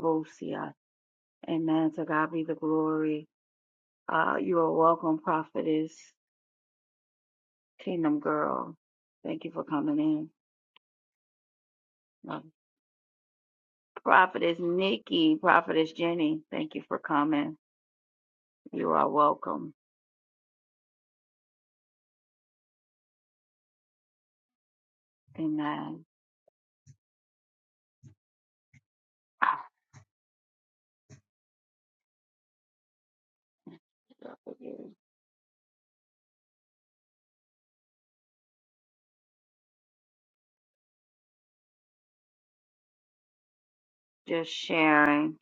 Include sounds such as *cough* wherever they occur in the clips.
Avosia, and the glory of Kingdom Girl. Thank you for coming in. Love you. Prophetess Nikki, Prophetess Jenny, thank you for coming. You are welcome. Amen. Just sharing.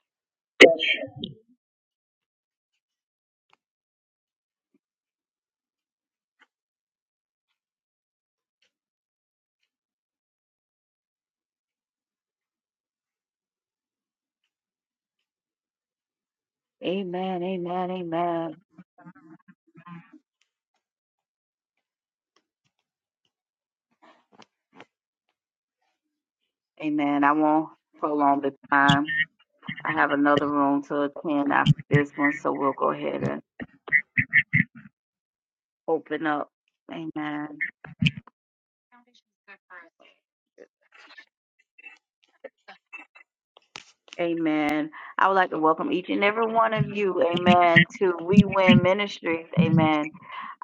Amen, amen, amen. Amen. I won't prolong the time. I have another room to attend after this one, so we'll go ahead and open up. Amen. Amen. I would like to welcome each and every one of you, amen, to We Win Ministries, amen,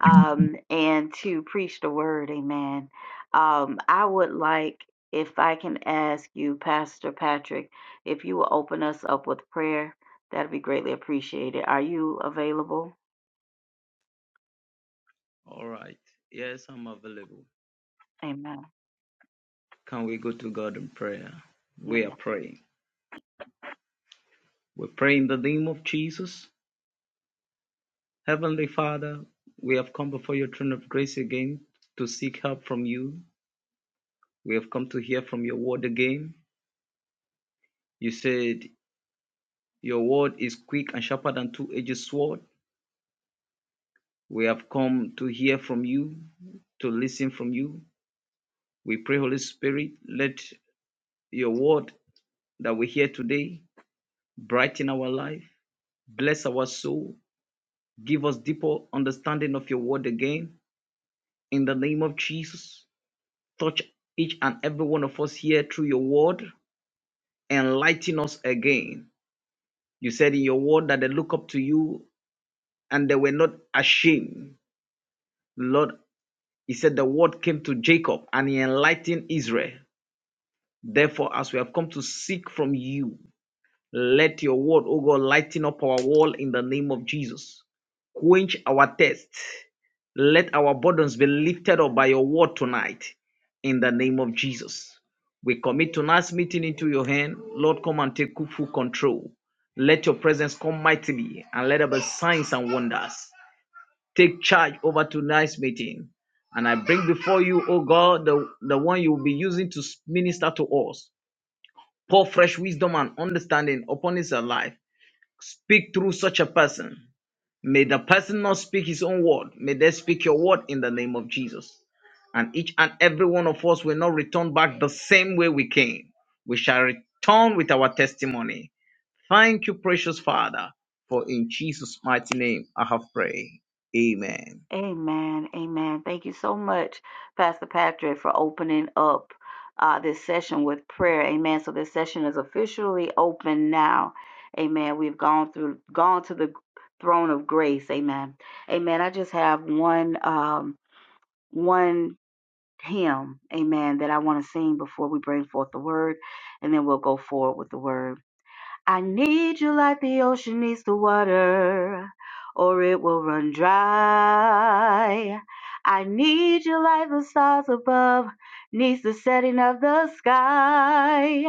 um, and to preach the word, amen. Um, I would like, if I can ask you, Pastor Patrick, if you will open us up with prayer, that'd be greatly appreciated. Are you available? All right. Yes, I'm available. Amen. Can we go to God in prayer? We are praying. We pray in the name of Jesus. Heavenly Father, we have come before your throne of grace again to seek help from you. We have come to hear from your word again. You said your word is quick and sharper than two-edged sword. We have come to hear from you, to listen from you. We pray, Holy Spirit, let your word that we hear today brighten our life, bless our soul, Give us deeper understanding of your word again. In the name of Jesus, touch each and every one of us here through your word. Enlighten us again. You said in your word that they look up to you and they were not ashamed. Lord, he said the word came to Jacob and he enlightened Israel. Therefore, as we have come to seek from you, Let your word, oh God, lighten up our wall in the name of Jesus. Quench our thirst. Let our burdens be lifted up by your word tonight in the name of Jesus. We commit tonight's meeting into your hand. Lord, come and take full control. Let your presence come mightily and let there be signs and wonders. Take charge over tonight's meeting. And I bring before you, O God, the, the one you will be using to minister to us. Pour fresh wisdom and understanding upon his life. Speak through such a person. May the person not speak his own word. May they speak your word in the name of Jesus. And each and every one of us will not return back the same way we came. We shall return with our testimony. Thank you, precious Father, for in Jesus' mighty name I have prayed. Amen. Amen. Amen. Thank you so much, Pastor Patrick, for opening up uh, this session with prayer. Amen. So this session is officially open now. Amen. We've gone through, gone to the throne of grace. Amen. Amen. I just have one, um, one hymn. Amen. That I want to sing before we bring forth the word, and then we'll go forward with the word. I need you like the ocean needs the water, or it will run dry. I need you like the stars above needs the setting of the sky.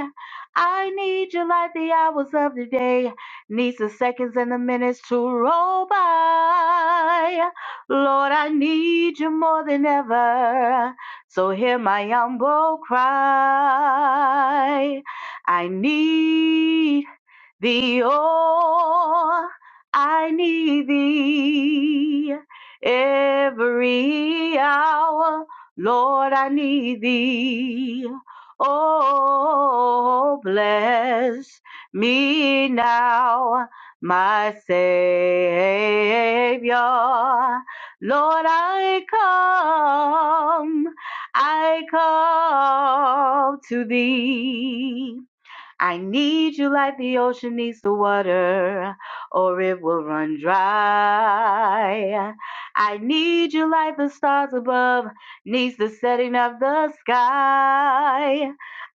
I need you like the hours of the day needs the seconds and the minutes to roll by. Lord, I need you more than ever, so hear my humble cry. I need thee, oh, I need thee every hour. Lord, I need thee. Oh, bless me now, my Savior. Lord, I come, I come to thee. I need you like the ocean needs the water, or it will run dry. I need you like the stars above needs the setting of the sky.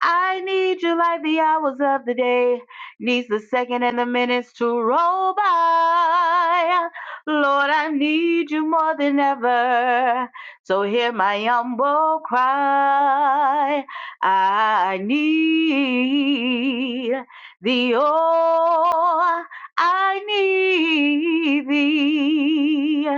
I need you like the hours of the day needs the second and the minutes to roll by. Lord, I need you more than ever, so hear my humble cry. I need thee, oh, I need thee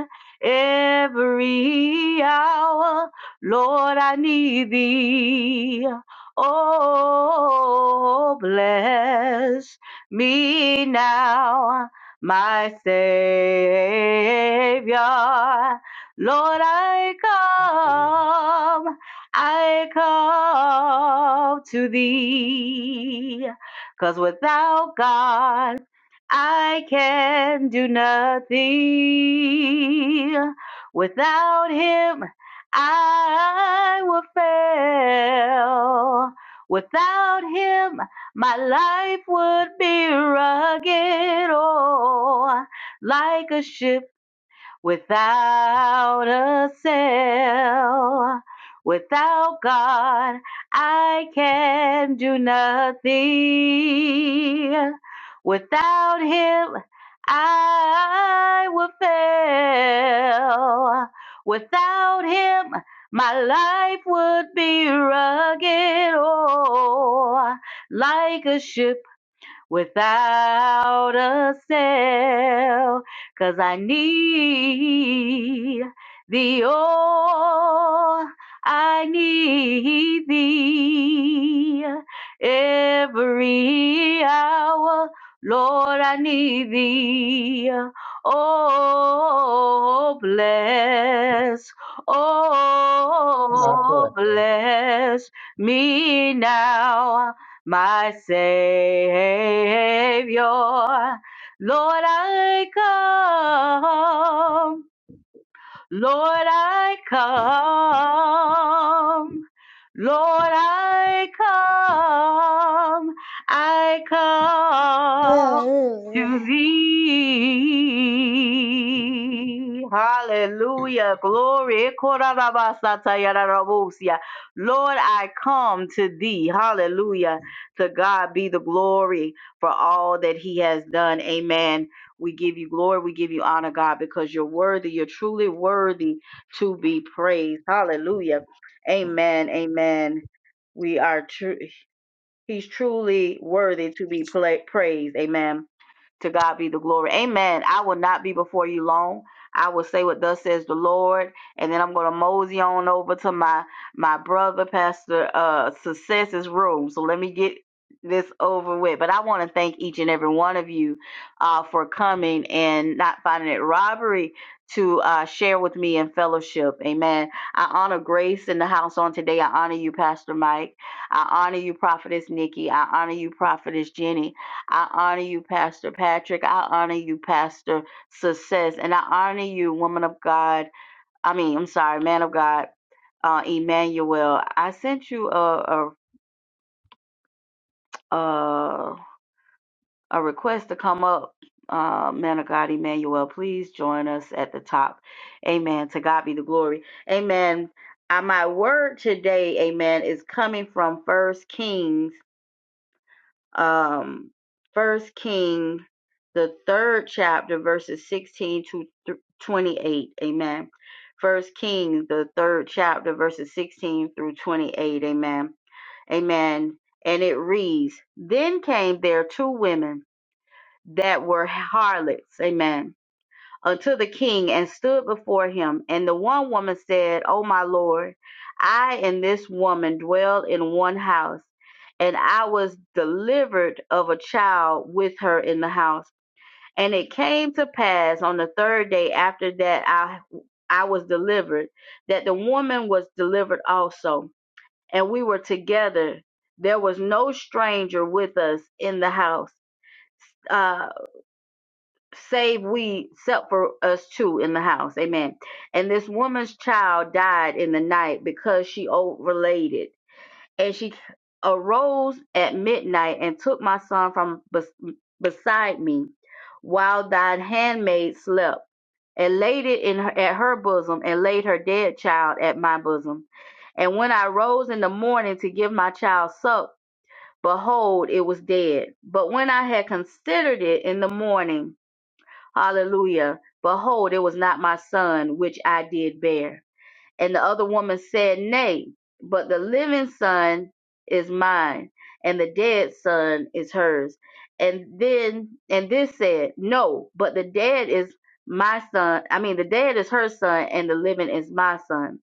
every hour. Lord, I need thee. Oh, bless me now, my Savior. Lord, I come. I call to Thee, 'cause without God, I can do nothing. Without Him, I will fail. Without Him, my life would be rugged, oh, like a ship Without a sail, without God, I can do nothing. Without Him, I will fail. Without Him, my life would be rugged, oh, like a ship without a cell, I need thee, oh, I need thee every hour, Lord, I need thee, oh, bless, Not bad, oh, thank bless me now my Savior. Lord, I come. Lord, I come. Lord, I come. I come you. to thee. Hallelujah. Glory. Lord, I come to thee. Hallelujah. To God be the glory for all that he has done. Amen. We give you glory. We give you honor, God, because you're worthy. You're truly worthy to be praised. Hallelujah. Amen. Amen. We are true. He's truly worthy to be pla- praised. Amen. To God be the glory. Amen. I will not be before you long. I will say what thus says the Lord, and then I'm going to mosey on over to my my brother, Pastor uh, Success's room. So let me get this over with. But I want to thank each and every one of you uh, for coming and not finding it robbery to uh, share with me in fellowship. Amen. I honor Grace in the house on today. I honor you, Pastor Mike. I honor you, Prophetess Nikki. I honor you, Prophetess Jenny. I honor you, Pastor Patrick. I honor you, Pastor Success. And I honor you, woman of God. I mean, I'm sorry, man of God, uh, Emmanuel. I sent you a, a, a, a request to come up, uh, man of God, Emmanuel. Please join us at the top. Amen. To God be the glory. Amen. Uh, my word today, amen, is coming from First Kings um first king the third chapter verses 16 to th- 28 amen first king the third chapter verses 16 through 28 amen amen and it reads then came there two women that were harlots amen unto the king and stood before him. And the one woman said, O my lord, I and this woman dwell in one house, and I was delivered of a child with her in the house. And it came to pass on the third day after that I I was delivered, that the woman was delivered also, and we were together. There was no stranger with us in the house. Uh, save we except for us two in the house amen and this woman's child died in the night because she overlaid it and she arose at midnight and took my son from bes- beside me while thine handmaid slept and laid it in her, at her bosom and laid her dead child at my bosom and when i rose in the morning to give my child suck behold it was dead but when i had considered it in the morning Hallelujah. Behold, it was not my son which I did bear. And the other woman said, Nay, but the living son is mine, and the dead son is hers. And then, and this said, No, but the dead is my son. I mean, the dead is her son, and the living is my son.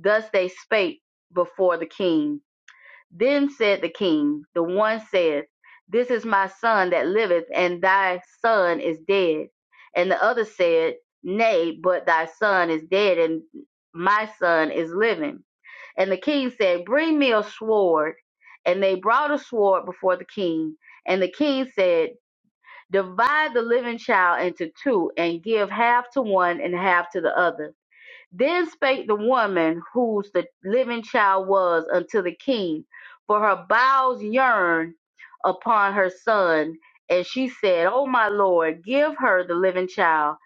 Thus they spake before the king. Then said the king, The one saith, This is my son that liveth, and thy son is dead. And the other said, Nay, but thy son is dead, and my son is living. And the king said, Bring me a sword. And they brought a sword before the king. And the king said, Divide the living child into two, and give half to one and half to the other. Then spake the woman whose the living child was unto the king, for her bowels yearned upon her son. And she said, O my Lord, give her the living child,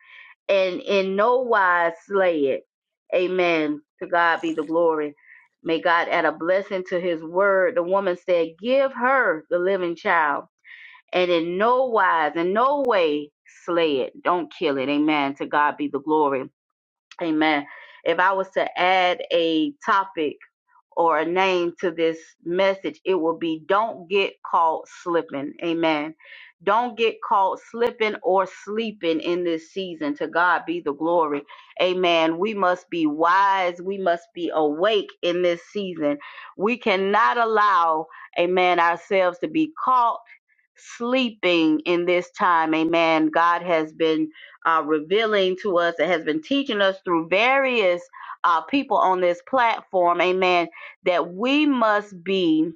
and in no wise slay it. Amen. To God be the glory. May God add a blessing to his word. The woman said, Give her the living child, and in no wise, in no way slay it. Don't kill it. Amen. To God be the glory. Amen. If I was to add a topic or a name to this message, it would be Don't Get Caught Slipping. Amen. Don't get caught slipping or sleeping in this season. To God be the glory. Amen. We must be wise. We must be awake in this season. We cannot allow, amen, ourselves to be caught sleeping in this time. Amen. God has been uh, revealing to us and has been teaching us through various uh, people on this platform. Amen. That we must be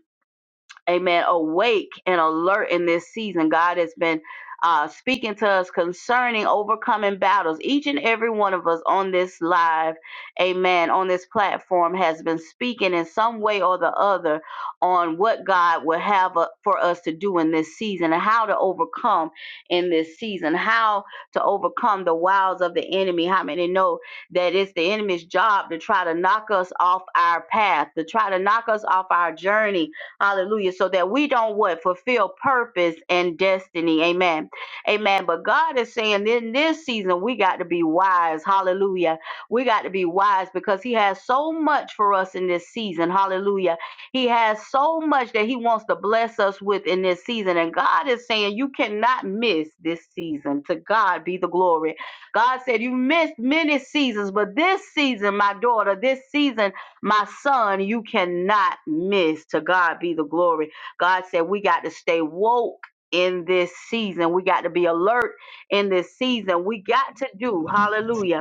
amen, awake and alert in this season. God has been uh, speaking to us concerning overcoming battles. Each and every one of us on this live, amen, on this platform has been speaking in some way or the other on what God will have uh, for us to do in this season and how to overcome in this season, how to overcome the wiles of the enemy. How many know that it's the enemy's job to try to knock us off our path, to try to knock us off our journey, Hallelujah. So that we don't what? Fulfill purpose and destiny. Amen. Amen. But God is saying in this season, we got to be wise. Hallelujah. We got to be wise because He has so much for us in this season. Hallelujah. He has so much that He wants to bless us with in this season. And God is saying, you cannot miss this season. To God be the glory. God said, You missed many seasons, but this season, my daughter, this season my son, you cannot miss. To God be the glory. God said we got to stay woke in this season. We got to be alert in this season. We got to do, hallelujah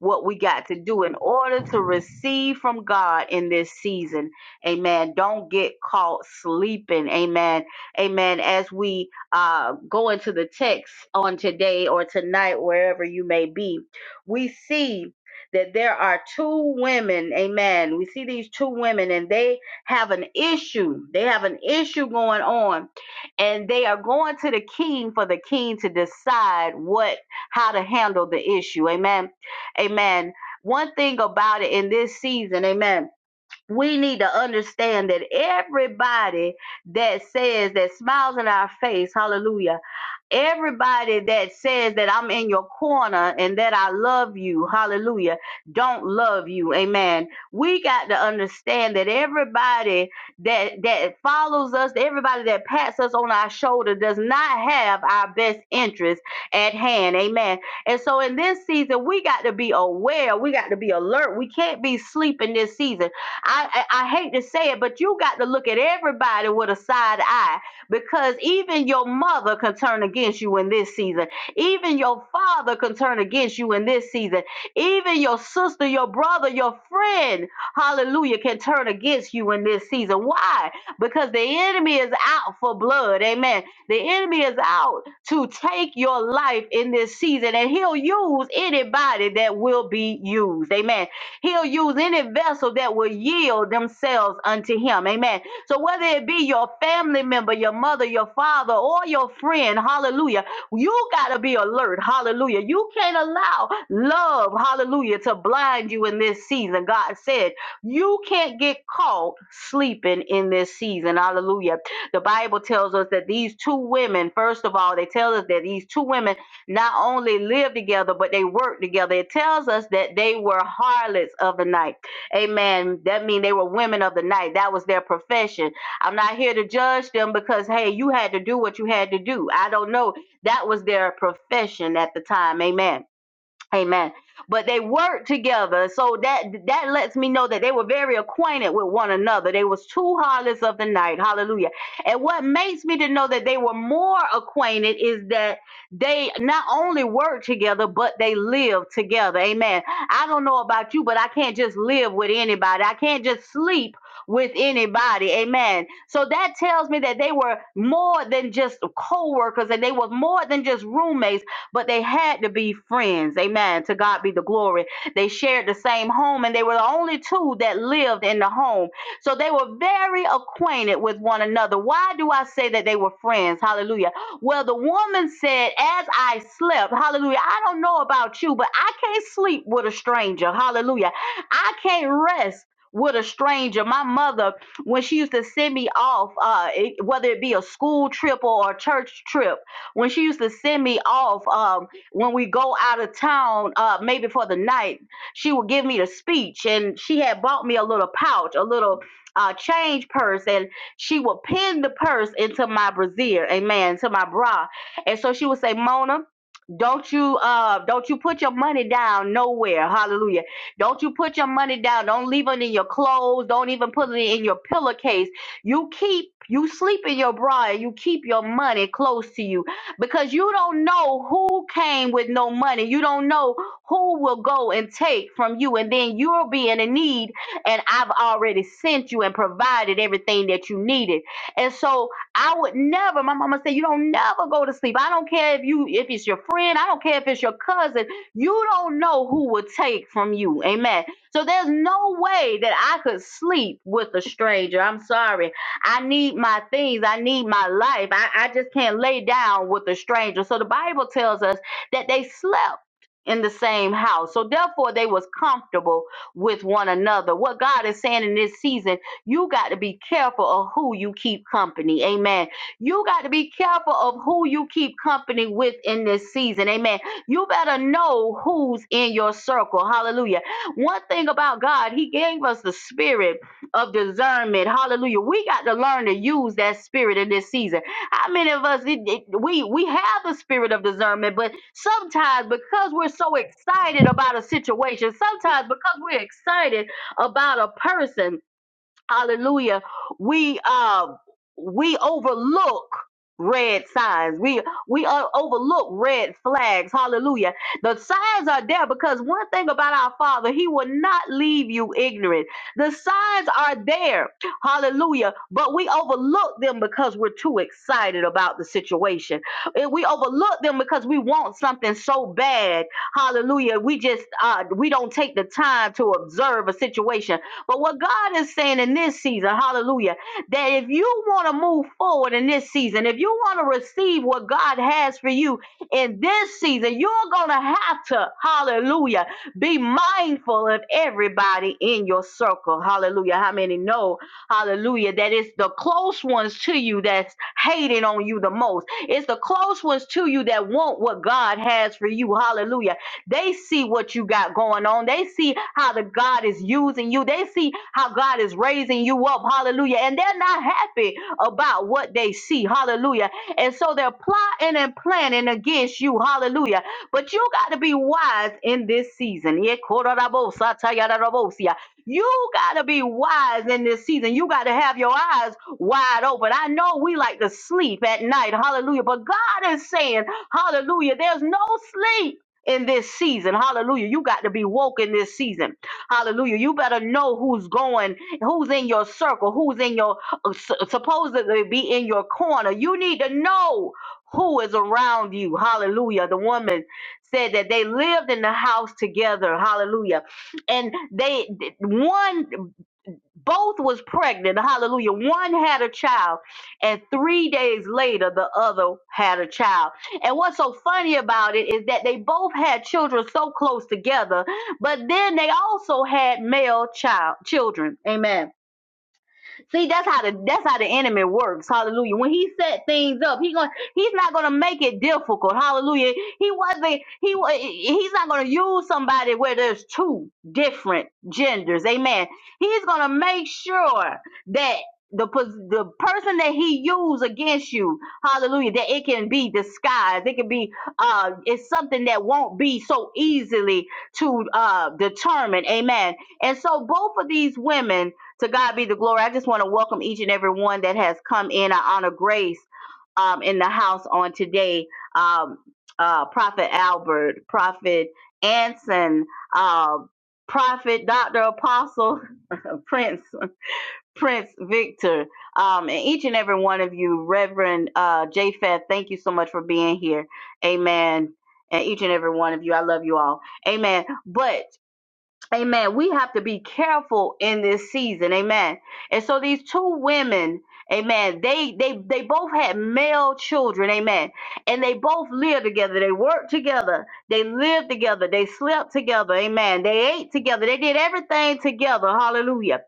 what we got to do in order to receive from God in this season. Amen. Don't get caught sleeping. Amen. Amen. As we uh, go into the text on today or tonight, wherever you may be, we see that there are two women. Amen. We see these two women and they have an issue. They have an issue going on and they are going to the king for the king to decide what how to handle the issue. Amen Amen. One thing about it in this season, amen. We need to understand that everybody that says that smiles in our face, hallelujah Everybody that says that I'm in your corner and that I love you, hallelujah, don't love you. Amen. We got to understand that everybody that that follows us, everybody that pats us on our shoulder does not have our best interest at hand. Amen. And so in this season, we got to be aware, we got to be alert. We can't be sleeping this season. I I, I hate to say it, but you got to look at everybody with a side eye because even your mother can turn against you in this season. Even your father can turn against you in this season. Even your sister, your brother, your friend, hallelujah, can turn against you in this season. Why? Because the enemy is out for blood. Amen. The enemy is out to take your life in this season, and he'll use anybody that will be used. Amen. He'll use any vessel that will yield themselves unto him. Amen. So whether it be your family member, your mother, your father, or your friend, hallelujah, you got to be alert, hallelujah. You can't allow love, hallelujah, to blind you in this season. God said, you can't get caught sleeping in this season, hallelujah. The Bible tells us that these two women, first of all, they tell us that these two women not only lived together, but they worked together. It tells us that they were harlots of the night Amen. That means they were women of the night. That was their profession. I'm not here to judge them because, hey, you had to do what you had to do. I don't know. That was their profession at the time. Amen. Amen. But they worked together, so that that lets me know that they were very acquainted with one another. They was two harlots of the night. Hallelujah. And what makes me to know that they were more acquainted is that they not only worked together, but they lived together. Amen. I don't know about you, but I can't just live with anybody. I can't just sleep with anybody. Amen. So that tells me that they were more than just co-workers and they were more than just roommates but they had to be friends. Amen. To God be the glory. They shared the same home, and they were the only two that lived in the home. So they were very acquainted with one another. Why do I say that they were friends? Hallelujah. Well, the woman said, As I slept, hallelujah, I don't know about you, but I can't sleep with a stranger. Hallelujah. I can't rest. With a stranger. My mother, when she used to send me off, uh, it- whether it be a school trip or a church trip, when she used to send me off um, when we go out of town uh, maybe for the night she would give me the speech and she had bought me a little pouch a little uh, change purse and she would pin the purse into my brassiere amen to my bra and so she would say mona don't you uh don't you put your money down nowhere. Hallelujah. Don't you put your money down. Don't leave it in your clothes. Don't even put it in your pillowcase. You keep you sleep in your bra and you keep your money close to you because you don't know who came with no money. You don't know who will go and take from you and then you'll be in a need and I've already sent you and provided everything that you needed. And so I would never. My mama said, "You don't never go to sleep. I don't care if you if it's your friend. I don't care if it's your cousin. You don't know who will take from you." Amen. So there's no way that I could sleep with a stranger. I'm sorry. I need my things. I need my life. I, I just can't lay down with a stranger. So the Bible tells us that they slept in the same house. So therefore they was comfortable with one another. What God is saying in this season you got to be careful of who you keep company. Amen. You got to be careful of who you keep company with in this season. Amen. You better know who's in your circle. Hallelujah. One thing about God, He gave us the spirit of discernment. Hallelujah. We got to learn to use that spirit in this season. How many of us it- it- we we have the spirit of discernment, but sometimes because we're so excited about a situation, sometimes because we're excited about a person, Hallelujah. We uh we overlook red signs. We we uh, overlook red flags. Hallelujah. The signs are there because one thing about our Father, he will not leave you ignorant. The signs are there. Hallelujah. But we overlook them because we're too excited about the situation. And we overlook them because we want something so bad. Hallelujah. We just uh we don't take the time to observe a situation but what God is saying in this season, hallelujah, that if you want to move forward in this season, if you want to receive what God has for you in this season, you're going to have to, hallelujah, be mindful of everybody in your circle. Hallelujah. How many know, hallelujah, that it's the close ones to you that's hating on you the most. It's the close ones to you that want what God has for you. Hallelujah they see what you got going on. They see how the God is using you. They see how God is raising you up. Hallelujah. And they're not happy about what they see. Hallelujah. And so they're plotting and planning against you. Hallelujah. But you got to be wise in this season. Yekorarabosatayararabosia. You got to be wise in this season. You got to have your eyes wide open. I know we like to sleep at night. Hallelujah. But God is saying, Hallelujah, there's no sleep in this season. Hallelujah. You got to be woke in this season. Hallelujah. You better know who's going, who's in your circle, who's in your uh, su- supposedly be in your corner. You need to know who is around you. Hallelujah. The woman said that they lived in the house together. Hallelujah. And they one both was pregnant hallelujah one had a child and three days later the other had a child and what's so funny about it is that they both had children so close together but then they also had male child children amen See, that's how the that's how the enemy works. Hallelujah. When he set things up, he going he's not gonna make it difficult. Hallelujah. He wasn't he wa- he's not gonna use somebody where there's two different genders. Amen. He's gonna make sure that the pos- the person that he used against you, hallelujah, that it can be disguised. It can be uh it's something that won't be so easily to uh determine. Amen. And so both of these women to God be the glory. I just want to welcome each and every one that has come in. I honor grace um, in the house on today. Um, uh, Prophet Albert, Prophet Anson, uh, Prophet Dr. Apostle, *laughs* Prince, Prince Victor, um, and each and every one of you, Reverend uh, Japheth, thank you so much for being here. Amen. And each and every one of you, I love you all. Amen. But Amen. We have to be careful in this season. Amen. And so these two women, amen, they they they both had male children, amen. And they both lived together. They worked together. They lived together. They slept together. Amen. They ate together. They did everything together. Hallelujah.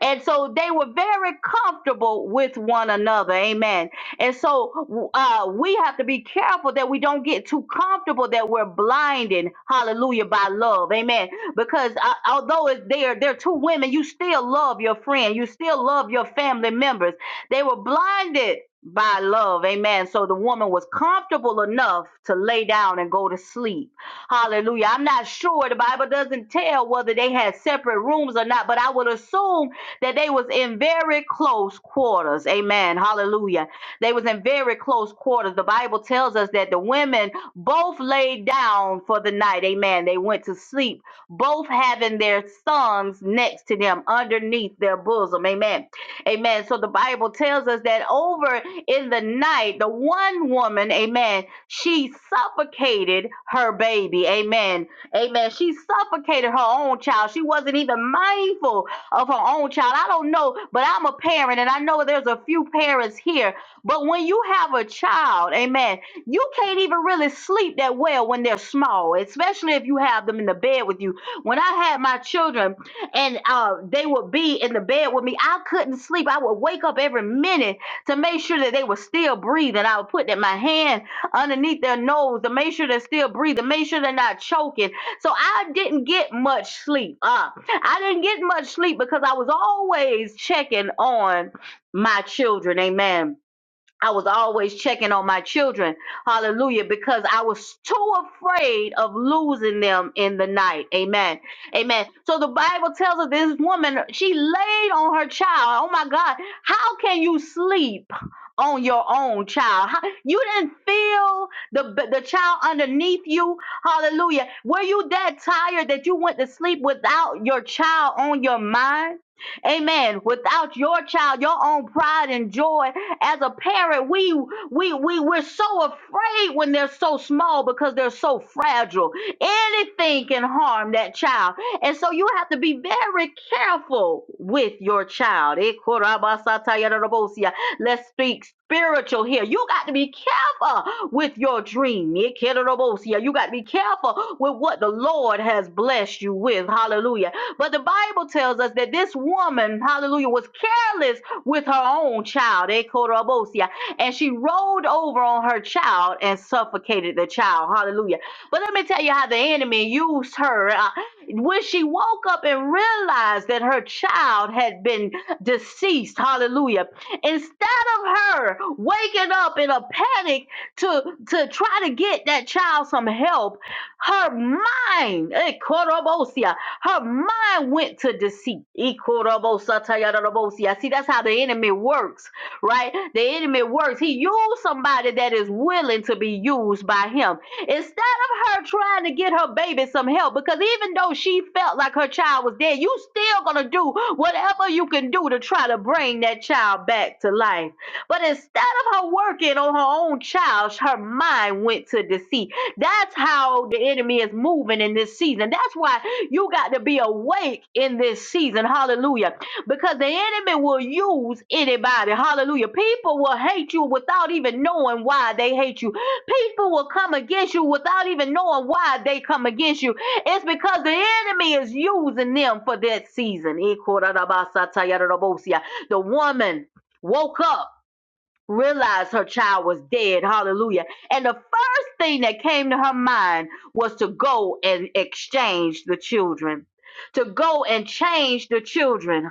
And so they were very comfortable with one another. Amen. And so uh, we have to be careful that we don't get too comfortable that we're blinded. Hallelujah by love. Amen because I, although it's there, there are two women, you still love your friend, you still love your family members. They were blinded by love, amen. So the woman was comfortable enough to lay down and go to sleep. Hallelujah. I'm not sure the Bible doesn't tell whether they had separate rooms or not, but I would assume that they was in very close quarters. Amen. Hallelujah. They was in very close quarters. The Bible tells us that the women both laid down for the night. Amen. They went to sleep both having their sons next to them underneath their bosom. Amen. Amen. So the Bible tells us that over in the night, the one woman, amen, she suffocated her baby. Amen. Amen. She suffocated her own child. She wasn't even mindful of her own child. I don't know, but I'm a parent and I know there's a few parents here. But when you have a child, amen, you can't even really sleep that well when they're small, especially if you have them in the bed with you when I had my children and uh, they would be in the bed with me, I couldn't sleep. I would wake up every minute to make sure that they were still breathing. I would put that my hand underneath their nose to make sure they're still breathing, make sure they're not choking. So I didn't get much sleep. Uh, I didn't get much sleep because I was always checking on my children. Amen. I was always checking on my children. Hallelujah. Because I was too afraid of losing them in the night. Amen. Amen. So the Bible tells us this woman, she laid on her child. Oh my God. How can you sleep on your own child? How- you didn't feel the, the child underneath you. Hallelujah. Were you that tired that you went to sleep without your child on your mind? Amen. Without your child, your own pride and joy as a parent, we we we we're so afraid when they're so small because they're so fragile. Anything can harm that child. And so you have to be very careful with your child. Ikorabasatayarabosia. Let's speak spiritual here. You got to be careful with your dream. Ikerabosia. You got to be careful with what the Lord has blessed you with. Hallelujah. But the Bible tells us that this woman, hallelujah, was careless with her own child, Ekorobosia, and she rolled over on her child and suffocated the child. Hallelujah. But let me tell you how the enemy used her. Uh, when she woke up and realized that her child had been deceased, hallelujah, instead of her waking up in a panic to, to try to get that child some help, her mind, her mind went to deceit. Ikorobosatayarabosia. See, that's how the enemy works, right? The enemy works. He used somebody that is willing to be used by him. Instead of her trying to get her baby some help, because even though she felt like her child was dead, you still gonna do whatever you can do to try to bring that child back to life. But instead of her working on her own child, her mind went to deceit. That's how the enemy is moving in this season. That's why you got to be awake in this season. Hallelujah. Because the enemy will use anybody. Hallelujah. People will hate you without even knowing why they hate you. People will come against you without even knowing why they come against you. It's because the enemy is using them for that season. The woman woke up realized her child was dead. Hallelujah. And the first thing that came to her mind was to go and exchange the children, to go and change the children.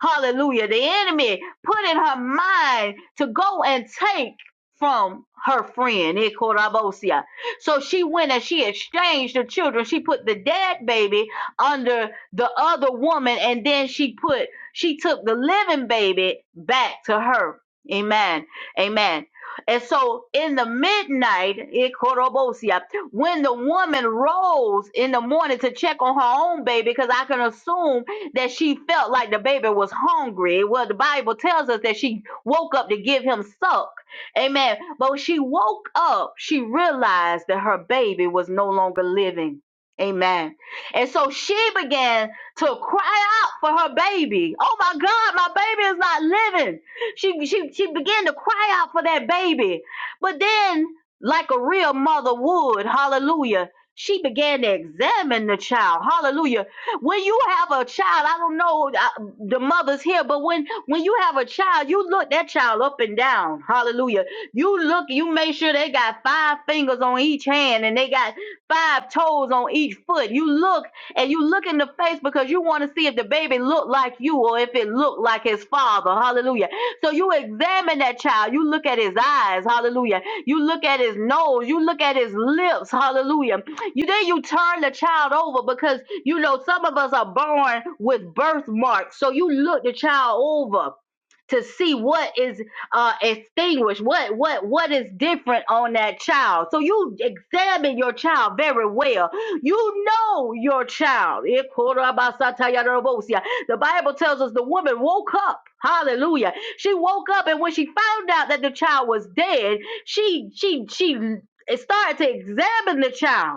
Hallelujah. The enemy put in her mind to go and take from her friend, Ikorabosia. So she went and she exchanged the children. She put the dead baby under the other woman, and then she put she took the living baby back to her. Amen. Amen. And so in the midnight, Ikorobosia, when the woman rose in the morning to check on her own baby, because I can assume that she felt like the baby was hungry. Well, the Bible tells us that she woke up to give him suck. Amen. But when she woke up, she realized that her baby was no longer living. Amen. And so she began to cry out for her baby. Oh my God, my baby is not living. She she she began to cry out for that baby. But then, like a real mother would, hallelujah, she began to examine the child. Hallelujah when you have a child, I don't know uh, the mothers here, but when when you have a child, you look that child up and down. Hallelujah. You look, you make sure they got five fingers on each hand and they got five toes on each foot. You look and you look in the face because you want to see if the baby look like you or if it look like his father. Hallelujah. So you examine that child. You look at his eyes. Hallelujah. You look at his nose. You look at his lips. Hallelujah. You then you turn the child over because you know some of us are born with birthmarks. So you look the child over to see what is uh extinguished, what what what is different on that child. So you examine your child very well. You know your child. Ikorabasatayarabosia. The Bible tells us the woman woke up. Hallelujah. She woke up and when she found out that the child was dead, she she she started to examine the child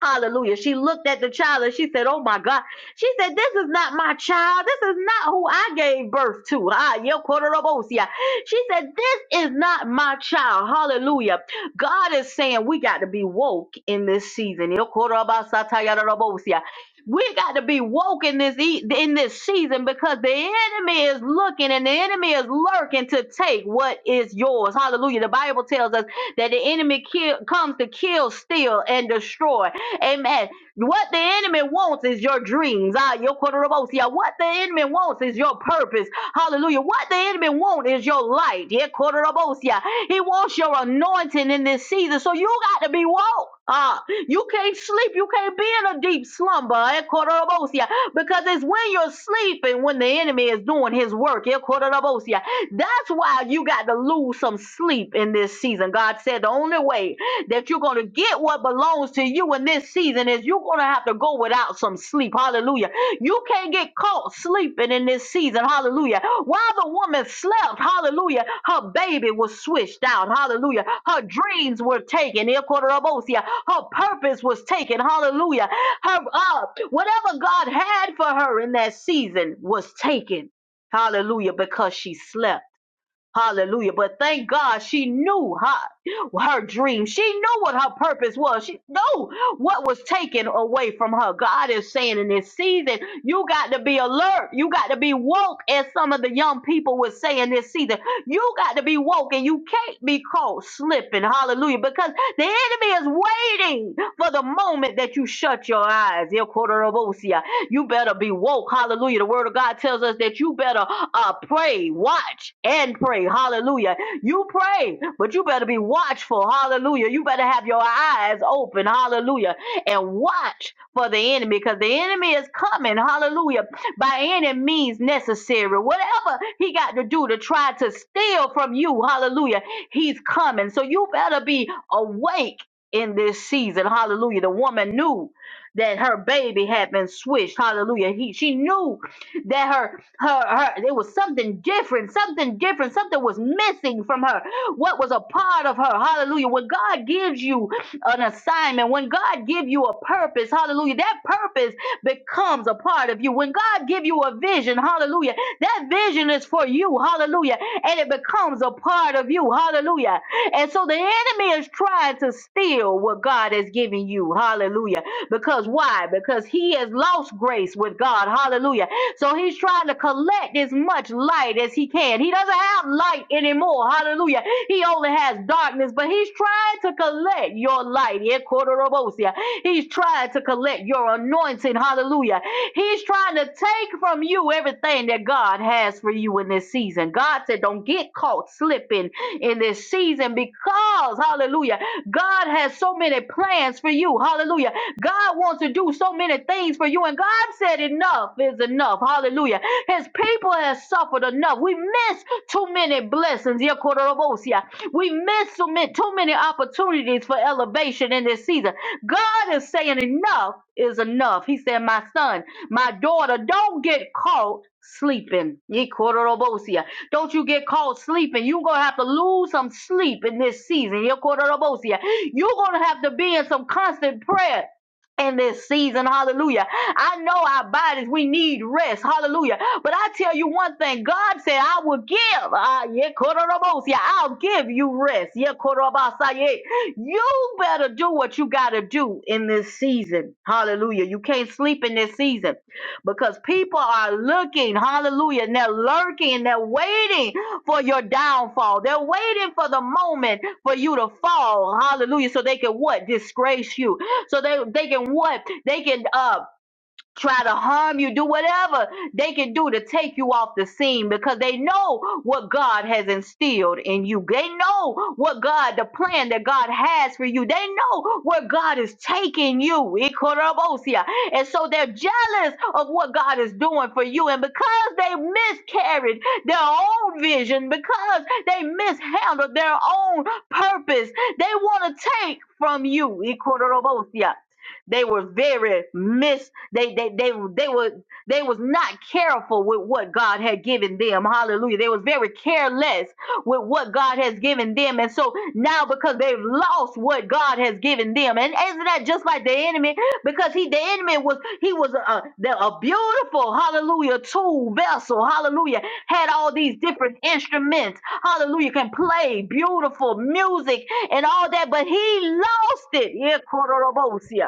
Hallelujah. She looked at the child and she said, Oh my God. She said, This is not my child. This is not who I gave birth to. Ah, yeah, Kotorobosia. She said, This is not my child. Hallelujah. God is saying we got to be woke in this season. Yeah, Kotorobasatayarabosia. We got to be woke in this e- in this season because the enemy is looking and the enemy is lurking to take what is yours. Hallelujah. The Bible tells us that the enemy kill, comes to kill, steal, and destroy. Amen. What the enemy wants is your dreams. Ah, your Kodorabosia. What the enemy wants is your purpose. Hallelujah. What the enemy wants is your light. Yeah, Kodorabosia. He wants your anointing. as some of the young people were saying this season. You got to be woke and you can't be caught slipping. Hallelujah. Because the enemy is waiting for the moment that you shut your eyes. Yeah, Kodorobosia. You better be woke. Hallelujah. The word of God tells us that you better uh, pray, watch, and pray. Hallelujah. You pray, but you better be watchful. Hallelujah. You better have your eyes open. Hallelujah. And watch for the enemy because the enemy is coming. Hallelujah by any means necessary. Whatever he got to do to try to steal from you, hallelujah, he's coming. So you better be awake in this season, hallelujah. The woman knew that her baby had been switched, hallelujah. He, she knew that her, her, her, there was something different, something different, something was missing from her. What was a part of her, hallelujah. When God gives you an assignment, when God gives you a purpose, hallelujah, that purpose becomes a part of you. When God give you a vision, hallelujah, that vision is for you, hallelujah, and it becomes a part of you, hallelujah. And so the enemy is trying to steal what God has given you, hallelujah. Because why? Because he has lost grace with God, hallelujah so he's trying to collect as much light as he can. He doesn't have light anymore. Hallelujah. He only has darkness, but he's trying to collect your light. Yeah, Kodorobosia. He's trying to collect your anointing. Hallelujah. He's trying to take from you everything that God has for you in this season. God said, don't get caught slipping in this season because, hallelujah, God has so many plans for you. Hallelujah. God wants to do so many things for you. And God said, Enough is enough. Hallelujah. His people have suffered enough. We miss too many blessings. Yekororobosia. We miss too many, too many opportunities for elevation in this season. God is saying, Enough is enough. He said, My son, my daughter, don't get caught sleeping. Yekororobosia. Don't you get caught sleeping. You're going to have to lose some sleep in this season. Yekororobosia. You're going to have to be in some constant prayer in this season. Hallelujah. I know our bodies, we need rest. Hallelujah. But I tell you one thing God said, I will give. Ah, yeah, I'll give you rest. Yeah, korobasaya. You better do what you got to do in this season. Hallelujah. You can't sleep in this season because people are looking. Hallelujah. And they're lurking and they're waiting for your downfall. They're waiting for the moment for you to fall. Hallelujah. So they can what? Disgrace you. So they they can what? They can uh try to harm you, do whatever they can do to take you off the scene because they know what God has instilled in you. They know what God, the plan that God has for you. They know where God is taking you. Ikorobosia. And so they're jealous of what God is doing for you. And because they miscarried their own vision, because they mishandled their own purpose, they want to take from you. Ikorobosia. They were very mis they they they they were they was not careful with what God had given them. Hallelujah. They was very careless with what God has given them. And so now because they've lost what God has given them. And isn't that just like the enemy? Because he the enemy was he was a, the- a beautiful hallelujah tool vessel. Hallelujah. Had all these different instruments. Hallelujah. Can play beautiful music and all that, but he lost it. Yeah,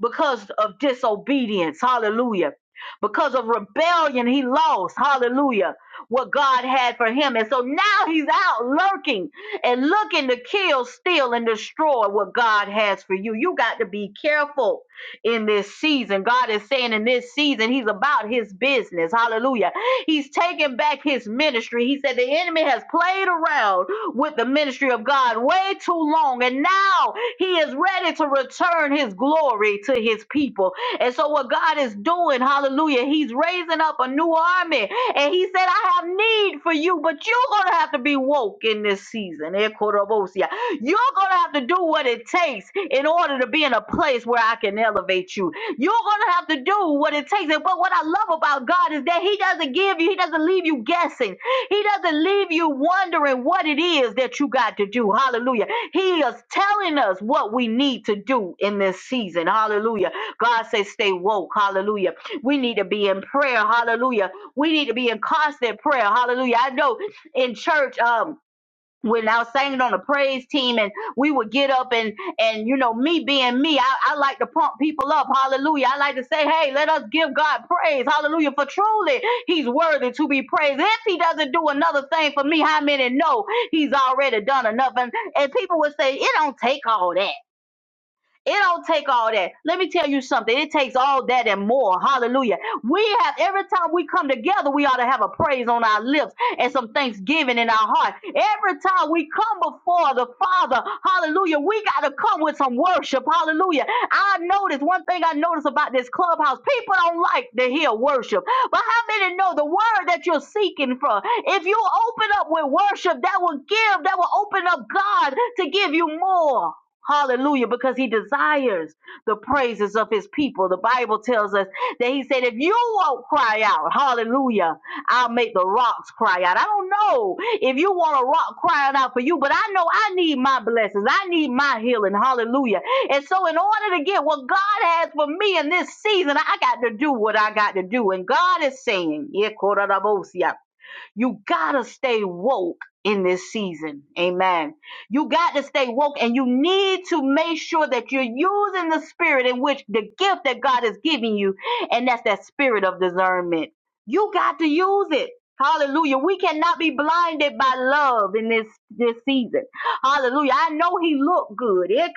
because of disobedience. Hallelujah. Because of rebellion, he lost, hallelujah, what God had for him. And so now he's out lurking and looking to kill, steal, and destroy what God has for you. You got to be careful in this season. God is saying in this season, He's about His business. Hallelujah. He's taking back His ministry. He said the enemy has played around with the ministry of God way too long. And now he is ready to return his glory to his people. And so, what God is doing, hallelujah, he's raising up a new army. And he said, I have need for you, but you're going to have to be woke in this season. Eh, Korobosia. You're going to have to do what it takes in order to be in a place where I can elevate you. You're going to have to do what it takes. And- But what I love about God is that he doesn't give you, he doesn't leave you guessing. He doesn't leave you wondering what it is that you got to do. Hallelujah. He is telling us what we need to do in this season. Hallelujah. God says, stay woke. Hallelujah. We need to be in prayer. Hallelujah. We need to be in constant prayer. Hallelujah. I know in church, um, when I was singing on the praise team and we would get up and and you know me being me I, I like to pump people up hallelujah I like to say hey let us give God praise hallelujah for truly he's worthy to be praised if he doesn't do another thing for me how many know he's already done enough and and people would say it don't take all that it don't take all that. Let me tell you something. It takes all that and more. Hallelujah. We have every time we come together, we ought to have a praise on our lips and some thanksgiving in our heart. Every time we come before the Father, hallelujah, we got to come with some worship. Hallelujah. I noticed one thing I noticed about this clubhouse people don't like to hear worship. But how many know the word that you're seeking for? If you open up with worship, that will give, that will open up God to give you more. Hallelujah, because he desires the praises of his people. The Bible tells us that he said, If you won't cry out, hallelujah, I'll make the rocks cry out. I don't know if you want a rock crying out for you, but I know I need my blessings. I need my healing, hallelujah. And so, in order to get what God has for me in this season, I got to do what I got to do. And God is saying, you gotta stay woke in this season. Amen. You got to stay woke and you need to make sure that you're using the spirit in which the gift that God is giving you, and that's that spirit of discernment. You got to use it. Hallelujah. We cannot be blinded by love in this, this season. Hallelujah. I know he looked good. I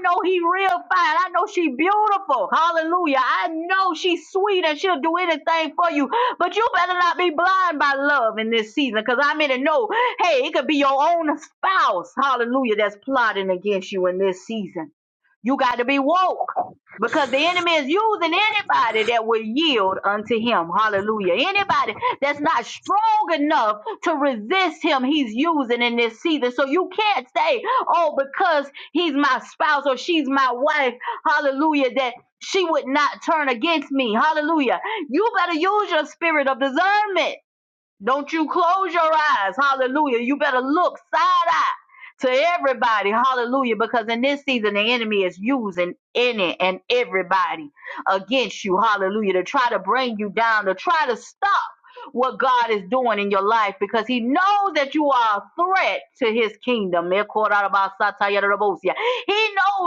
know he real fine. I know she beautiful. Hallelujah. I know she's sweet and she'll do anything for you. But you better not be blind by love in this season because I'm in to know, hey, it could be your own spouse, hallelujah, that's plotting against you in this season. You got to be woke because the enemy is using anybody that will yield unto him. Hallelujah. Anybody that's not strong enough to resist him, he's using in this season. So you can't say, oh, because he's my spouse or she's my wife. Hallelujah. That she would not turn against me. Hallelujah. You better use your spirit of discernment don't you close your eyes. Hallelujah. You better look side eye to everybody. Hallelujah. Because in this season, the enemy is using any and everybody against you. Hallelujah. To try to bring you down, to try to stop what God is doing in your life because He knows that you are a threat to His kingdom. He knows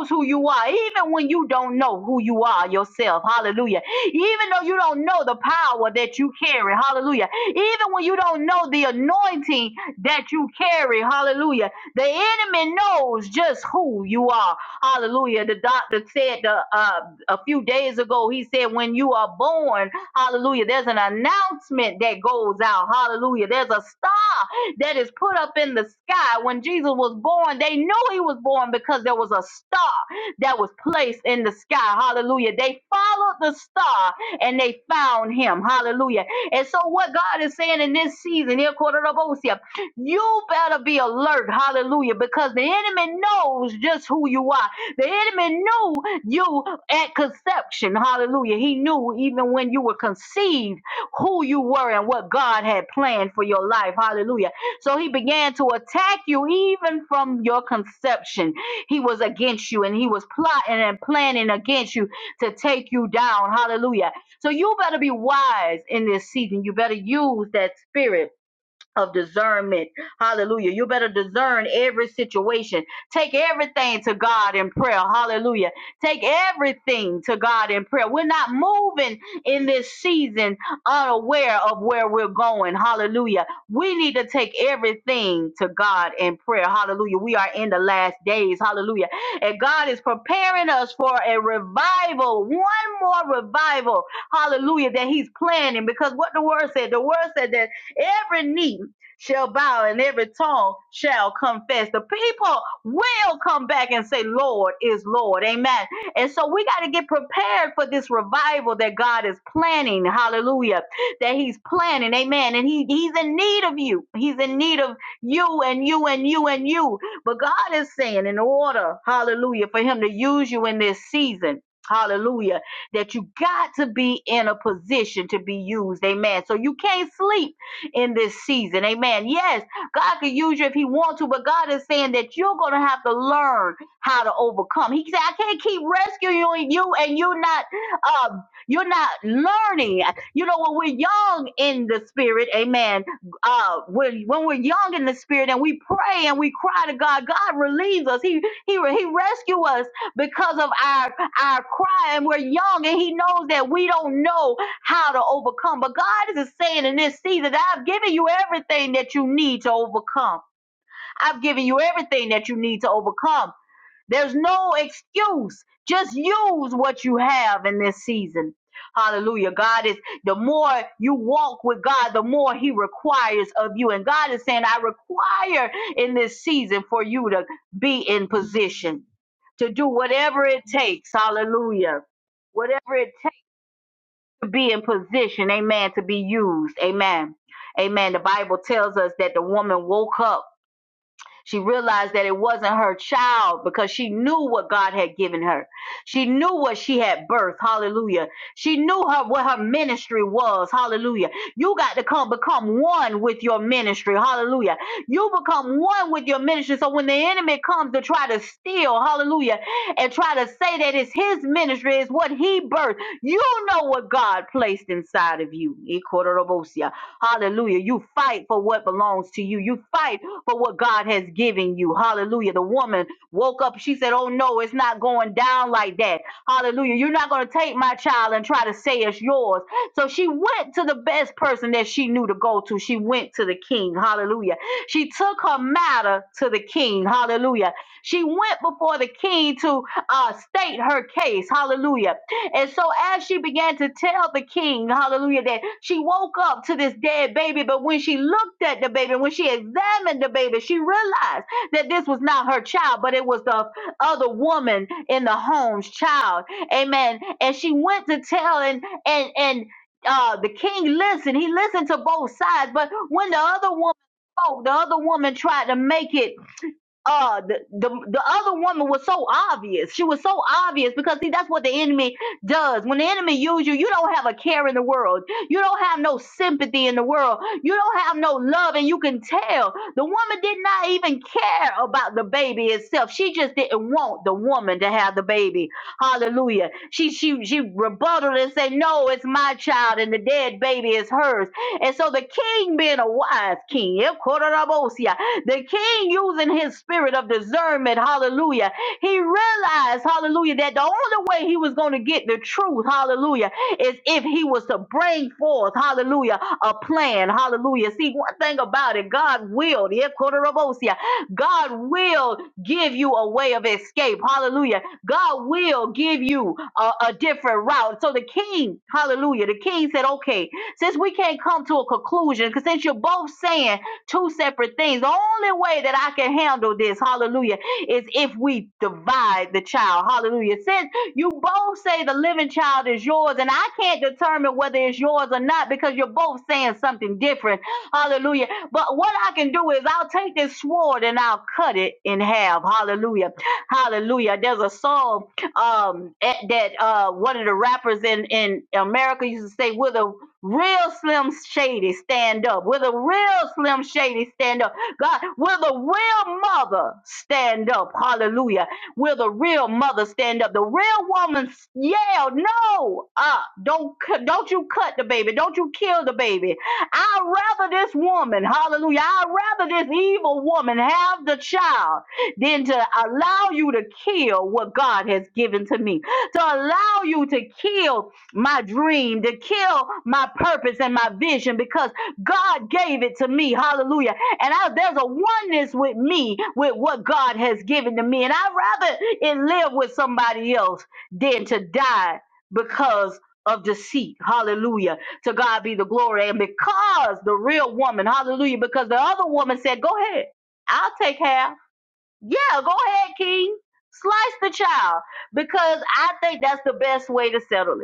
who you are, even when you don't know who you are yourself. Hallelujah. Even though you don't know the power that you carry. Hallelujah. Even when you don't know the anointing that you carry. Hallelujah. The enemy knows just who you are. Hallelujah. The doctor said the, uh, a few days ago, he said, when you are born, Hallelujah. There's an announcement that goes out. Hallelujah. There's a star that is put up in the sky. When Jesus was born, they knew he was born because there was a star that was placed in the sky. Hallelujah. They followed the star and they found him. Hallelujah. And so, what God is saying in this season, here, Kodorabosia, you better be alert. Hallelujah. Because the enemy knows just who you are. The enemy knew you at conception. Hallelujah. He knew even when you were conceived who you were and what God had planned for your life. Hallelujah. So he began to attack you even from your conception. He was against you and he was plotting and planning against you to take you down. Hallelujah. So you better be wise in this season. You better use that spirit of discernment. Hallelujah. You better discern every situation. Take everything to God in prayer. Hallelujah. Take everything to God in prayer. We're not moving in this season unaware of where we're going. Hallelujah. We need to take everything to God in prayer. Hallelujah. We are in the last days. Hallelujah. And God is preparing us for a revival, one more revival. Hallelujah. That He's planning because what the word said, the word said that Every knee shall bow and every tongue shall confess. The people will come back and say, Lord is Lord. Amen. And so we got to get prepared for this revival that God is planning. Hallelujah. That He's planning. Amen. And he, He's in need of you. He's in need of you and you and you and you. But God is saying, in order, hallelujah, for Him to use you in this season. Hallelujah. That you got to be in a position to be used. Amen. So you can't sleep in this season. Amen. Yes, God can use you if He wants to, but God is saying that you're going to have to learn how to overcome. He said, I can't keep rescuing you and you're not um, you're not learning. You know, when we're young in the spirit, amen. Uh when when we're young in the spirit and we pray and we cry to God, God relieves us. He he he rescue us because of our our cry and we're young and he knows that we don't know how to overcome. But God is saying in this season I've given you everything that you need to overcome. I've given you everything that you need to overcome. There's no excuse. Just use what you have in this season. Hallelujah. God is the more you walk with God, the more He requires of you. And God is saying, I require in this season for you to be in position to do whatever it takes. Hallelujah. Whatever it to be in position, amen, to be used, amen. Amen. The Bible tells us that the woman woke up. She realized that it wasn't her child because she knew what God had given her. She knew what she had birthed. Hallelujah. She knew her what her ministry was. Hallelujah. You got to come become one with your ministry. Hallelujah. You become one with your ministry. So when the enemy comes to try to steal, hallelujah, and try to say that it's his ministry, it's what he birthed. You know what God placed inside of you. Ikororobosia. Hallelujah. You fight for what belongs to you. You fight for what God has given you. Hallelujah. The woman woke up. She said, Oh, no, it's not going down like that. Hallelujah. You're not going to take my child and try to say it's yours. So she went to the best person that she knew to go to. She went to the king. Hallelujah. She took her matter to the king. Hallelujah. She went before the king to uh, state her case. Hallelujah. And so as she began to tell the king, hallelujah, that she woke up to this dead baby, but when she looked at the baby, when she examined the baby, she realized that this was not her child, but it was the other woman in the home's child. Amen. And she went to tell and and and uh the king listened. He listened to both sides, but when the other woman spoke, the other woman tried to make it uh the, the the other woman was so obvious. She was so obvious because see that's what the enemy does. When the enemy uses you, you don't have a care in the world. You don't have no sympathy in the world. You don't have no love, and you can tell the woman did not even care about the baby itself. She just didn't want the woman to have the baby. Hallelujah. She she she rebutted and said, No, it's my child, and the dead baby is hers. And so the king being a wise king, the king, using his spirit of discernment, hallelujah, he realized, hallelujah, that the only way he was going to get the truth, hallelujah, is if he was to bring forth, hallelujah, a plan, hallelujah. See, one thing about it, God will, yeah, Kodorobosia, God will give you a way of escape, hallelujah. God will give you a, a different route. So the king, hallelujah, the king said, okay, since we can't come to a conclusion, because since you're both saying Two separate things. The only way that I can handle this, hallelujah, is if we divide the child. Hallelujah. Since you both say the living child is yours, and I can't determine whether it's yours or not because you're both saying something different. Hallelujah. But what I can do is I'll take this sword and I'll cut it in half. Hallelujah. Hallelujah. There's a song um at- that uh one of the rappers in in America used to say with a real Slim Shady stand up? Will the real Slim Shady stand up? God, will the real mother stand up? Hallelujah. Will the real mother stand up? The real woman s- yelled, "No! Uh, don't cu- don't you cut the baby. Don't you kill the baby. I'd rather this woman, hallelujah. I'd rather this evil woman have the child than to allow you to kill what God has given to me. To allow you to kill my dream, to kill my purpose and my vision because God gave it to me. Hallelujah. And I, there's a oneness with me with what God has given to me. And I'd rather it live with somebody else than to die because of deceit. Hallelujah. To God be the glory. And because the real woman, hallelujah, because the other woman said, Go ahead, I'll take half. Yeah, go ahead, King. Slice the child because I think that's the best way to settle it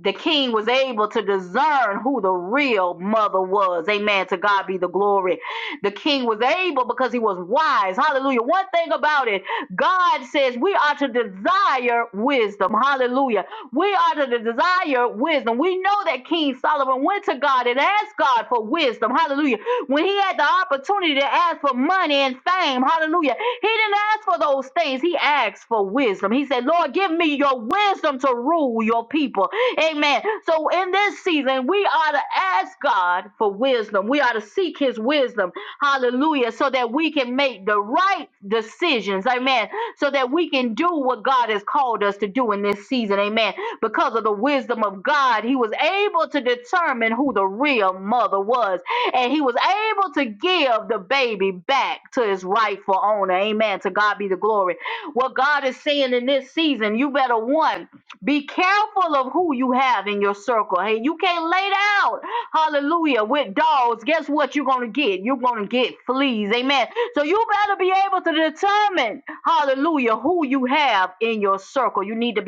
the king was able to discern who the real mother was. Amen. To God be the glory. The king was able because he was wise. Hallelujah. One thing about it, God says we are to desire wisdom. Hallelujah. We are to desire wisdom. We know that King Solomon went to God and asked God for wisdom. Hallelujah. When he had the opportunity to ask for money and fame, hallelujah, he didn't ask for those things. He asked for wisdom. He said, Lord, give me your wisdom to rule your people. Amen. So in this season, we are to ask God for wisdom. We are to seek his wisdom. Hallelujah. So that we can make the right decisions. Amen. So that we can do what God has called us to do in this season. Amen. Because of the wisdom of God, he was able to determine who the real mother was. And he was able to give the baby back to his rightful owner. Amen. To God be the glory. What God is saying in this season, you better one. Be careful of who you have in your circle. Hey, you can't lay down, hallelujah, with dogs. Guess what you're going to get? You're going to get fleas. Amen. So you better be able to determine, hallelujah, who you have in your circle. You need to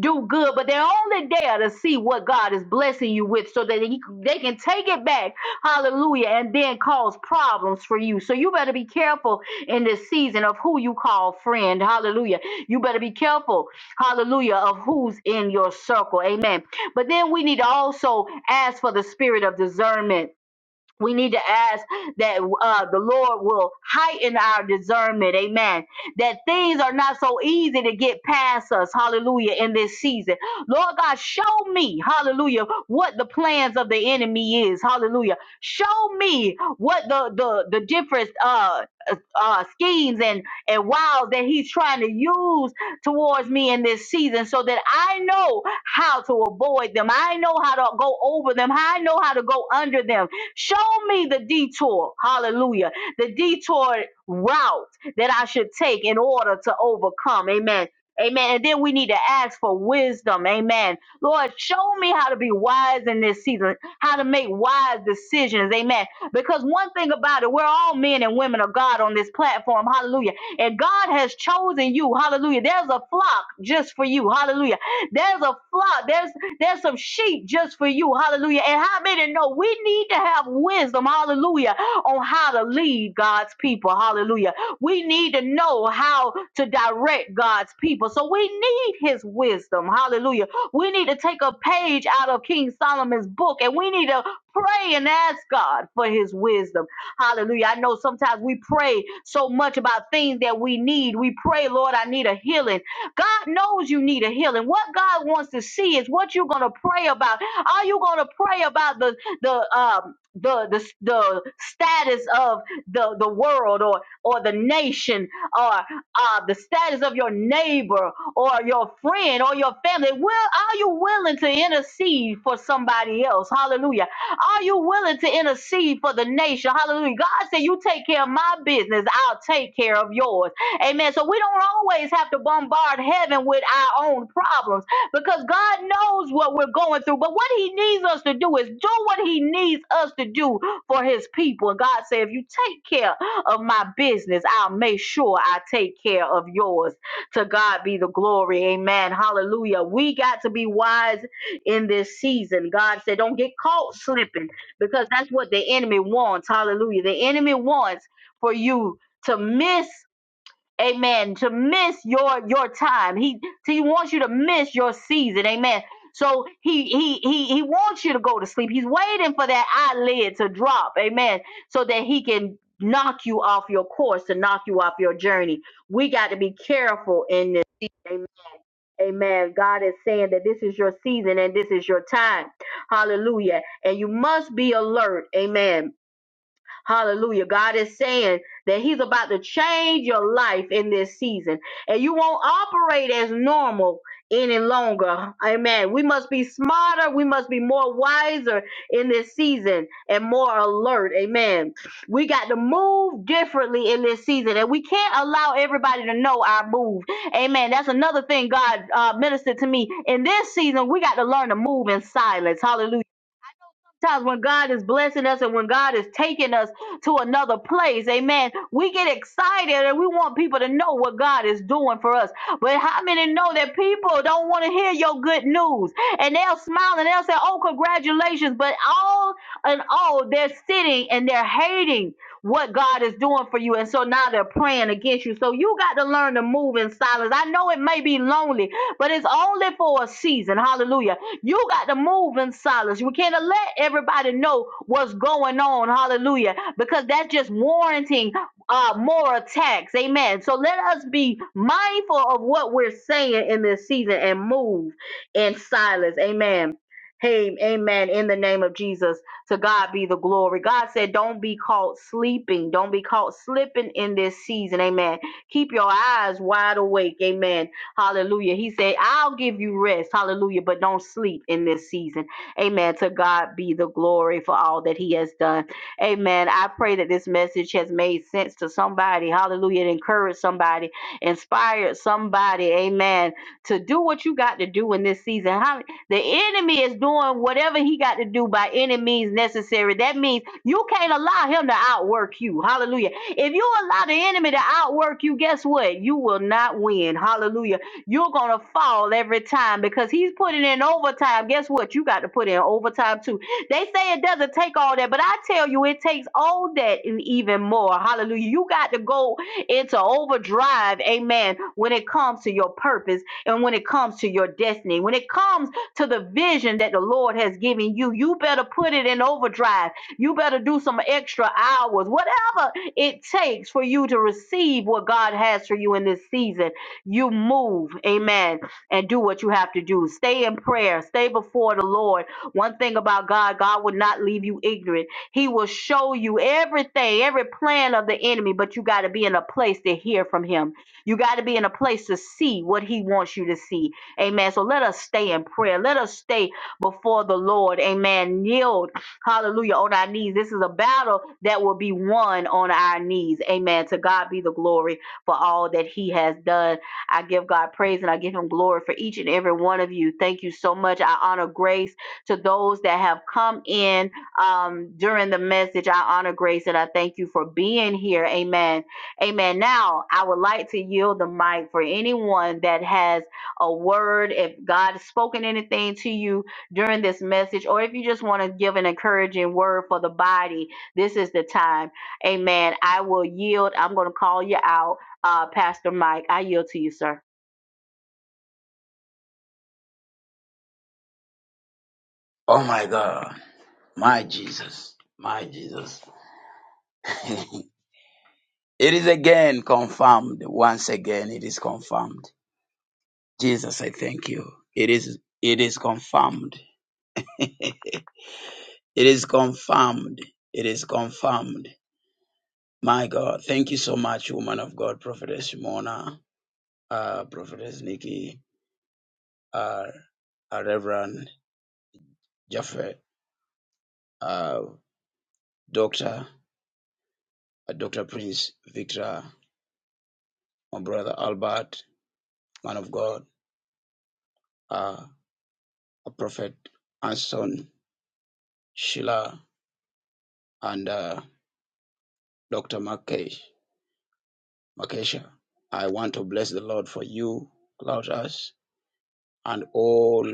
do good, but they're only there to see what God is blessing you with so that he, they can take it back. Careful, hallelujah, of who's in your circle. Amen. But then we need to also ask for the spirit of discernment we need to ask that uh, the Lord will heighten our discernment. Amen. That things are not so easy to get past us. Hallelujah. In this season. Lord God, show me, hallelujah, what the plans of the enemy is. Hallelujah. Show me what the, the, the difference, uh, uh, schemes and, and wiles that he's trying to use towards me in this season so that I know how to avoid them. I know how to go over them. I know how to go under them. Show me the detour, hallelujah, the detour route that I should take in order to overcome. Amen. Amen. And then we need to ask for wisdom. Amen. Lord, show me how to be wise in this season, how to make wise decisions. Amen because one thing about it, we're all men and women of God on this platform. Hallelujah. And God has chosen you. Hallelujah. There's a flock just for you. Hallelujah. There's a flock. There's there's some sheep just for you. Hallelujah. And how many know we need to have wisdom, hallelujah, on how to lead God's people. Hallelujah. We need to know how to direct God's people. So we need his wisdom. Hallelujah. We need to take a page out of King Solomon's book and we need to Pray and ask God for his wisdom. Hallelujah. I know sometimes we pray so much about things that we need. We pray, Lord, I need a healing. God knows you need a healing. What God wants to see is what you're going to pray about. Are you going to pray about the the um the, the the status of the the world or or the nation or uh, the status of your neighbor or your friend or your family will are you willing to intercede for somebody else hallelujah are you willing to intercede for the nation? Hallelujah. God said, You take care of my business, I'll take care of yours. Amen. So we don't always have to bombard heaven with our own problems because God knows what we're going through. But what He needs us to do is do what He needs us to do for His people. And God said, If you take care of my business, I'll make sure I take care of yours. To God be the glory. Amen. Hallelujah. We got to be wise in this season. God said, don't get caught slipping because that's what the enemy wants. Hallelujah. The enemy wants for you to miss, amen, to miss your your time. He he wants you to miss your season. Amen. So he he he he wants you to go to sleep. He's waiting for that eyelid to drop. Amen. So that he can knock you off your course, to knock you off your journey. We got to be careful in this. amen. Amen. God is saying that this is your season and this is your time. Hallelujah. And you must be alert. Amen Hallelujah. God is saying that He's about to change your life in this season, and you won't operate as normal any longer. Amen. We must be smarter. We must be more wiser in this season and more alert. Amen. We got to move differently in this season, and we can't allow everybody to know our move. Amen. That's another thing God uh, ministered to me in this season. We got to learn to move in silence. Hallelujah. Sometimes when God is blessing us and when God is taking us to another place, amen, we get excited and we want people to know what God is doing for us. But how many know that people don't want to hear your good news? And they'll smile and they'll say, oh, congratulations. But all in all, they're sitting and they're hating what God is doing for you. And so now they're praying against you. So you got to learn to move in silence. I know it may be lonely, but it's only for a season. Hallelujah. You got to move in silence. We can't let everybody know what's going on. Hallelujah. Because that's just warranting uh, more attacks. Amen. So let us be mindful of what we're saying in this season and move in silence. Amen. Hey, amen. In the name of Jesus, to God be the glory. God said, Don't be caught sleeping. Don't be caught slipping in this season. Amen. Keep your eyes wide awake. Amen Hallelujah. He said, I'll give you rest. Hallelujah. But don't sleep in this season. Amen. To God be the glory for all that He has done. Amen. I pray that this message has made sense to somebody. Hallelujah. It encouraged somebody, inspired somebody. Amen. To do what you got to do in this season. How, the enemy is doing whatever he got to do by any means necessary. That means you can't allow him to outwork you. Hallelujah. If you allow the enemy to outwork you, guess what? You will not win. Hallelujah you're going to fall every time because he's putting in overtime. Guess what? You got to put in overtime too. They say it doesn't take all that, but I tell you, it takes all that and even more. Hallelujah. You got to go into overdrive, amen, when it comes to your purpose and when it comes to your destiny. When it comes to the vision that the Lord has given you, you better put it in overdrive. You better do some extra hours, whatever it takes for you to receive what God has for you in this season you move, amen, and do what you have to do. Stay in prayer, stay before the Lord. One thing about God, God will not leave you ignorant. He will show you everything, every plan of the enemy, but you got to be in a place to hear from Him. You got to be in a place to see what He wants you to see, amen. So let us stay in prayer, let us stay before the Lord, amen. Kneel hallelujah, on our knees. This is a battle that will be won on our knees. Amen. To God be the glory for all that He has done. I give God praise and I give him glory for each and every one of you. Thank you so much. I honor grace to those that have come in um, during the message. I honor grace and I thank you for being here. Amen. Amen. Now, I would like to yield the mic for anyone that has a word. If God has spoken anything to you during this message, or if you just want to give an encouraging word for the body, this is the time. Amen. I will yield. I'm going to call you out uh, Pastor Mike. I yield to you, sir. Oh my God. My Jesus. My Jesus. *laughs* it is again confirmed. Once again, it is confirmed. Jesus, I thank you. It is, it is confirmed. *laughs* It is confirmed. It is confirmed. My God. Thank you so much, woman of God, Prophetess Shimona, uh, Prophetess Nikki, uh, uh, Reverend Jaffe, uh, Doctor, uh, Doctor Prince Victor, my brother Albert, man of God. uh, Prophet Anson Sheila and uh, Dr. Makesh, Makesha. I want to bless the Lord for you, Claudius, and all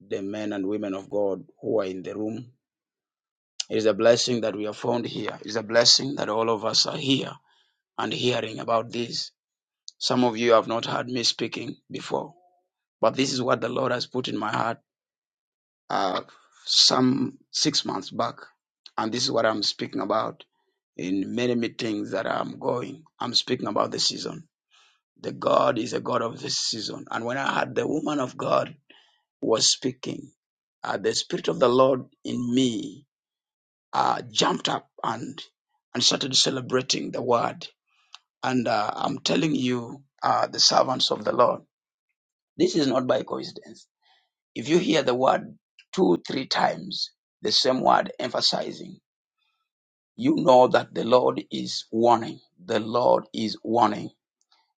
the men and women of God who are in the room. It is a blessing that we are found here. It's a blessing that all of us are here and hearing about this. Some of you have not heard me speaking before, but this is what the Lord has put in my heart uh, some six months back. And this is what I'm speaking about in many meetings that I'm going, I'm speaking about the season. The God is a God of this season. And when I had the woman of God was speaking, uh, the Spirit of the Lord in me uh, jumped up and and started celebrating the word. And uh, I'm telling you, uh, the servants of the Lord, this is not by coincidence. If you hear the word two, three times, the same word emphasizing, you know that the Lord is warning. The Lord is warning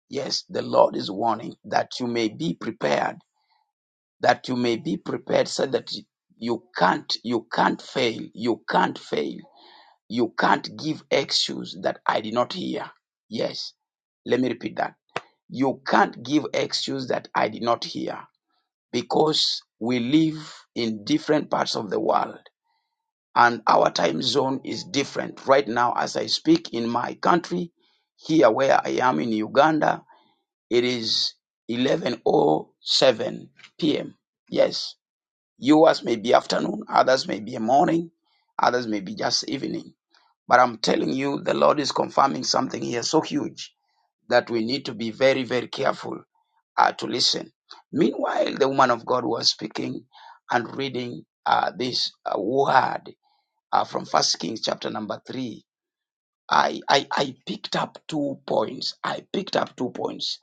Yes, the Lord is warning that you may be prepared, that you may be prepared so that you can't, you can't fail, you can't fail, you can't give excuse that I did not hear. Yes, let me repeat that. You can't give excuse that I did not hear because we live in different parts of the world and our time zone is different. Right now, as I speak in my country, here where I am in Uganda, it is 11:07 p.m. Yes, yours may be afternoon, others may be a morning, others may be just evening. But I'm telling you, the Lord is confirming something here so huge that we need to be very, very careful uh, to listen. Meanwhile, the woman of God was speaking and reading uh, this uh, word uh, from First Kings chapter number three I, I, I picked up two points. I picked up two points.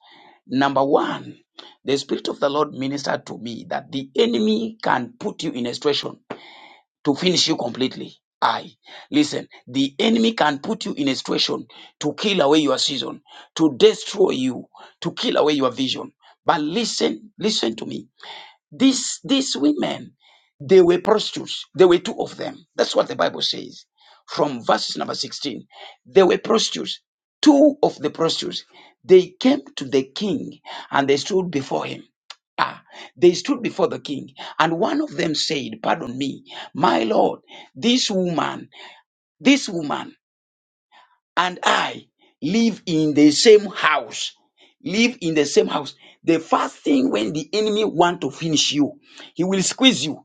Number one, the Spirit of the Lord ministered to me that the enemy can put you in a situation to finish you completely. I listen, the enemy can put you in a situation to kill away your season, to destroy you, to kill away your vision. But listen, listen to me. These, these women, they were prostitutes. There were two of them. That's what the Bible says from verses number 16. They were prostitutes. Two of the prostitutes, they came to the king and they stood before him. Ah, they stood before the king, and one of them said, Pardon me, my lord, this woman, this woman and I live in the same house. Live in the same house. The first thing when the enemy want to finish you, he will squeeze you.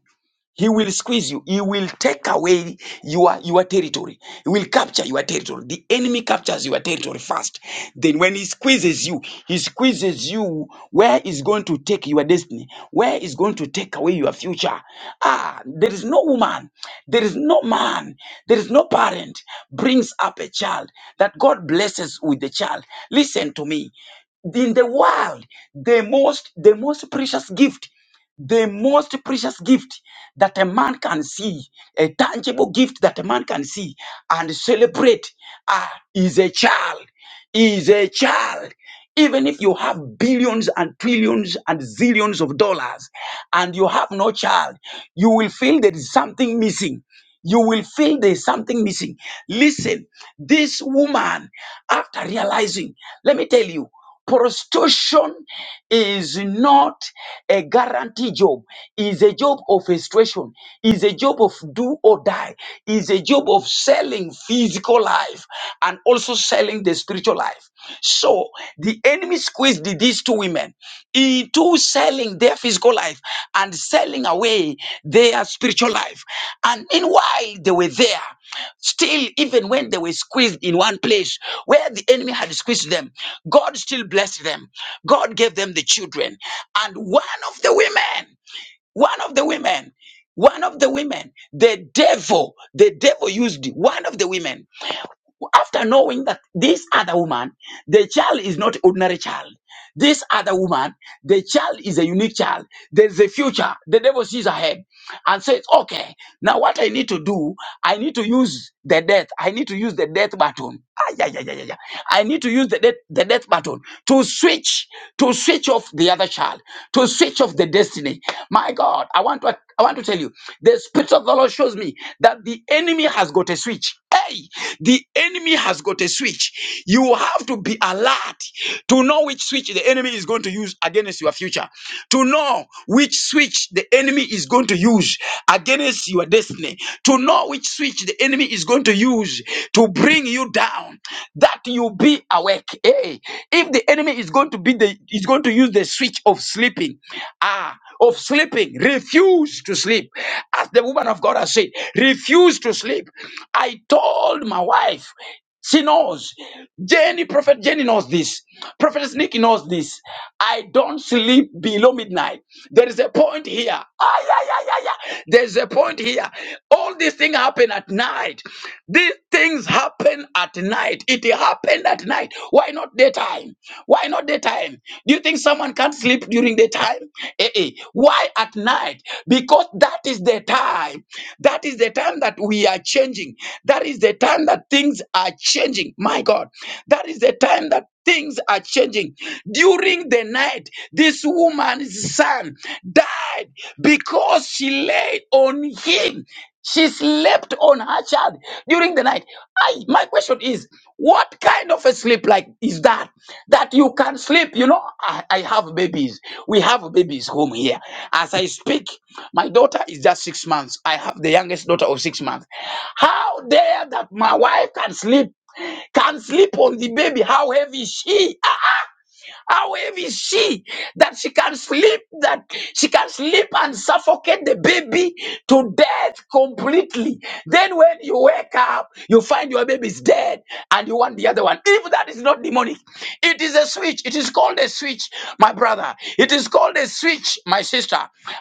He will squeeze you. He will take away your, your territory. He will capture your territory. The enemy captures your territory first. Then when he squeezes you, he squeezes you where is going to take your destiny, where is going to take away your future. Ah, there is no woman, there is no man, there is no parent brings up a child that God blesses with the child. Listen to me in the world the most the most precious gift the most precious gift that a man can see, a tangible gift that a man can see and celebrate ah, is a child, is a child. Even if you have billions and trillions and zillions of dollars and you have no child, you will feel there is something missing you will feel there's something missing. Listen, this woman, after realizing, let me tell you, prostitution is not a guarantee job is a job of frustration is a job of do or die is a job of selling physical life and also selling the spiritual life so the enemy squeezed the- these two women into selling their physical life and selling away their spiritual life. And meanwhile, they were there. Still, even when they were squeezed in one place where the enemy had squeezed them, God still blessed them. God gave them the children. And one of the women, one of the women, one of the women, the devil, the devil used one of the women after knowing that this other woman, the child is not ordinary child. This other woman, the child is a unique child. There's a future. The devil sees ahead and says, okay, now what I need to do, I need to use the death. I need to use the death button. Ah, yeah, yeah, yeah, yeah. yeah. I need to use the death, the death button to switch, to switch off the other child, to switch off the destiny. My God, I want to, I want to tell you, the Spirit of the Lord shows me that the enemy has got a switch. Hey, the enemy has got a switch. You have to be alert to know which switch the enemy is going to use against your future, to know which switch the enemy is going to use against your destiny, to know which switch the enemy is going to use to to bring you down that you be awake hey if the enemy is going to be the is going to use the switch of sleeping ah of sleeping refuse to sleep as the woman of god has said refuse to sleep i told my wife she knows. Jenny, Prophet Jenny knows this. Prophet Nick knows this. I don't sleep below midnight. There is a point here. Ay, ay, ay, ay, ay. There's a point here. All these things happen at night. These things happen at night. It happened at night. Why not daytime? Why not daytime? Do you think someone can't sleep during? during the time? Eh, eh. Why at night? Because that is the time. That is the time that we are changing. That is the time that things are changing. My God. That is the time that things are changing. During the night, this woman's son died because she laid on him. She slept on her child during the night. I, my question is, what kind of a sleep like is that? That you can sleep. You know, I, I have babies. We have babies home here. As I speak, my daughter is just six months. I have the youngest daughter of six months. How dare that my wife can sleep, can sleep on the baby? How heavy she? How heavy is she that she can sleep, that she can sleep and suffocate the baby to death completely. Then when you wake up, you find your baby is dead and you want the other one. If that is not demonic, it is a switch. It is called a switch, my brother. It is called a switch, my sister.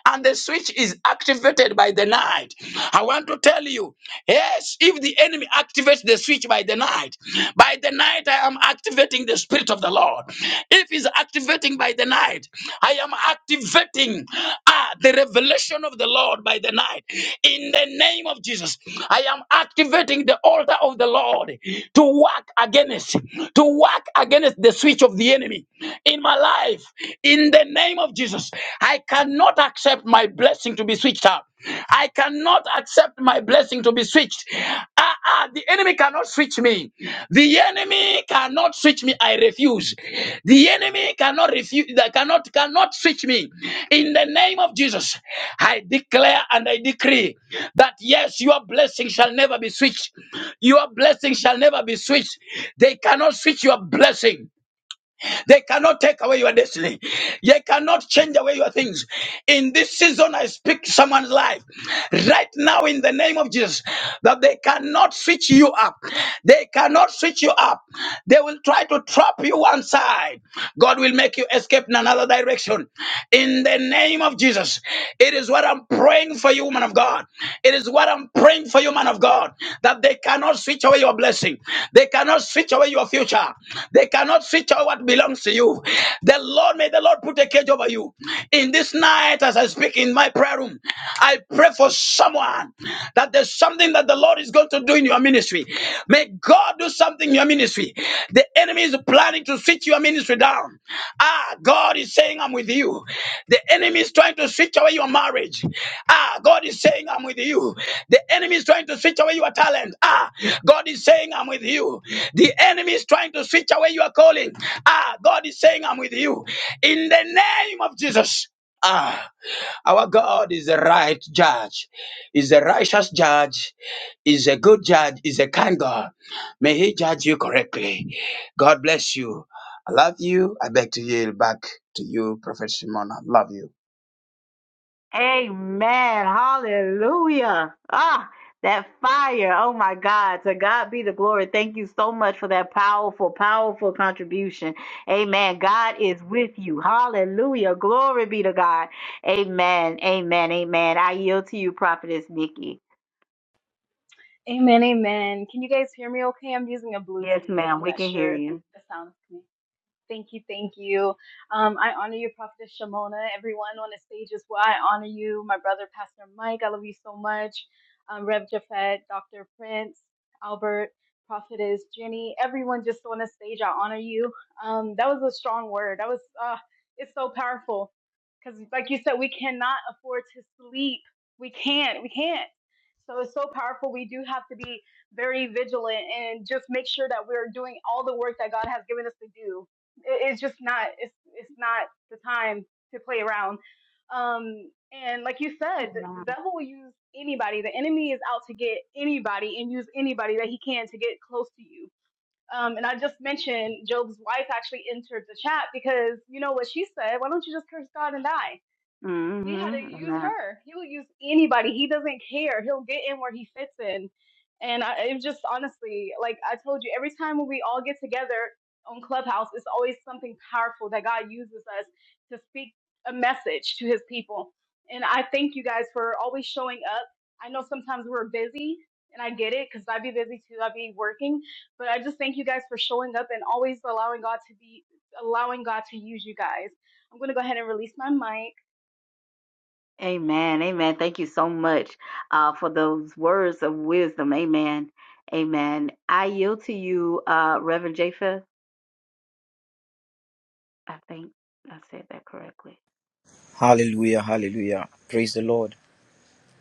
And the switch is activated by the night. I want to tell you, yes, if the enemy activate the switch by the night. By the night, I am activating the Spirit of the Lord. If He's activating by the night, I am activating ah, the revelation of the Lord by the night. In the name of Jesus, I am activating the altar of the Lord to work against, to work against the switch of the enemy in my life. In the name of Jesus, I cannot accept accept my blessing to be switched out. I cannot accept my blessing to be switched. Ah, ah, the enemy cannot switch me. The enemy cannot switch me. I refuse. The enemy cannot refuse. They cannot cannot switch me. In the name of Jesus, I declare and I decree that yes, your blessing shall never be switched. Your blessing shall never be switched. They cannot switch your blessing. They cannot take away your destiny. They cannot change away your things. In this season, I speak to someone's life right now in the name of Jesus that they cannot switch you up. They cannot switch you up. They will try to trap you one side. God will make you escape in another direction. In the name of Jesus, it is what I'm praying for you, man of God. It is what I'm praying for you, man of God, that they cannot switch away your blessing. They cannot switch away your future. They cannot switch out what belongs to you. The Lord, may the Lord put a cage over you. In this night, as I speak in my prayer room, I pray for someone that there's something that the Lord is going to do in your ministry. May God do something in your ministry. The enemy is planning to switch your ministry down. Ah, God is saying, I'm with you. The enemy is trying to switch away your marriage. Ah, God is saying, I'm with you. The enemy is trying to switch away your talent. Ah, God is saying, I'm with you. The enemy is trying to switch away your calling. Ah, God is saying, I'm with you. In the name of Jesus. Ah, our God is a right judge, is a righteous judge, is a good judge, is a kind God. May He judge you correctly. God bless you. I love you. I beg to yield back to you, Prophet Simon. I love you. Amen. Hallelujah. Ah, that fire. Oh my God. To God be the glory. Thank you so much for that powerful, powerful contribution. Amen. God is with you. Hallelujah. Glory be to God. Amen. Amen. Amen. I yield to you, Prophetess Nikki. Amen, amen. Can you guys hear me okay? I'm using a Yes, Bluetooth. so ma'am. I'm We not can hear sure if you. the sound is coming. Thank you, thank you. Um, I honor you, prophetess Shimona, everyone on the stage as well. I honor you, my brother, Pastor Mike. I love you so much. Um, Rev Jafet, Dr. Prince, Albert, Prophetess Jenny, everyone just on the stage. I honor you. Um, that was a strong word. That was, uh, it's so powerful. Because, like you said, we cannot afford to sleep. We can't. We can't. So it's so powerful. We do have to be very vigilant and just make sure that we're doing all the work that God has given us to do it's just not. It's it's not the time to play around. Um, and like you said, the devil will use anybody. The enemy is out to get anybody and use anybody that he can to get close to you. Um, and I just mentioned Job's wife actually entered the chat because you know what she said. Why don't you just curse God and die? He had to use Mm-hmm. her. He will use anybody. He doesn't care. He'll get in where he fits in. And I, it was just honestly, like I told you, every time when we all get together on Clubhouse, it's always something powerful that God uses us to speak a message to his people. And I thank you guys for always showing up. I know sometimes we're busy, and I get it because I'd be busy too. I'd be working. But I just thank you guys for showing up and always allowing God to be, allowing God to use you guys. I'm going to go ahead and release my mic. Amen. Amen. Thank you so much uh, for those words of wisdom. Amen. Amen. I yield to you, uh, Reverend Japheth. I think I said that correctly. Hallelujah, hallelujah. Praise the Lord.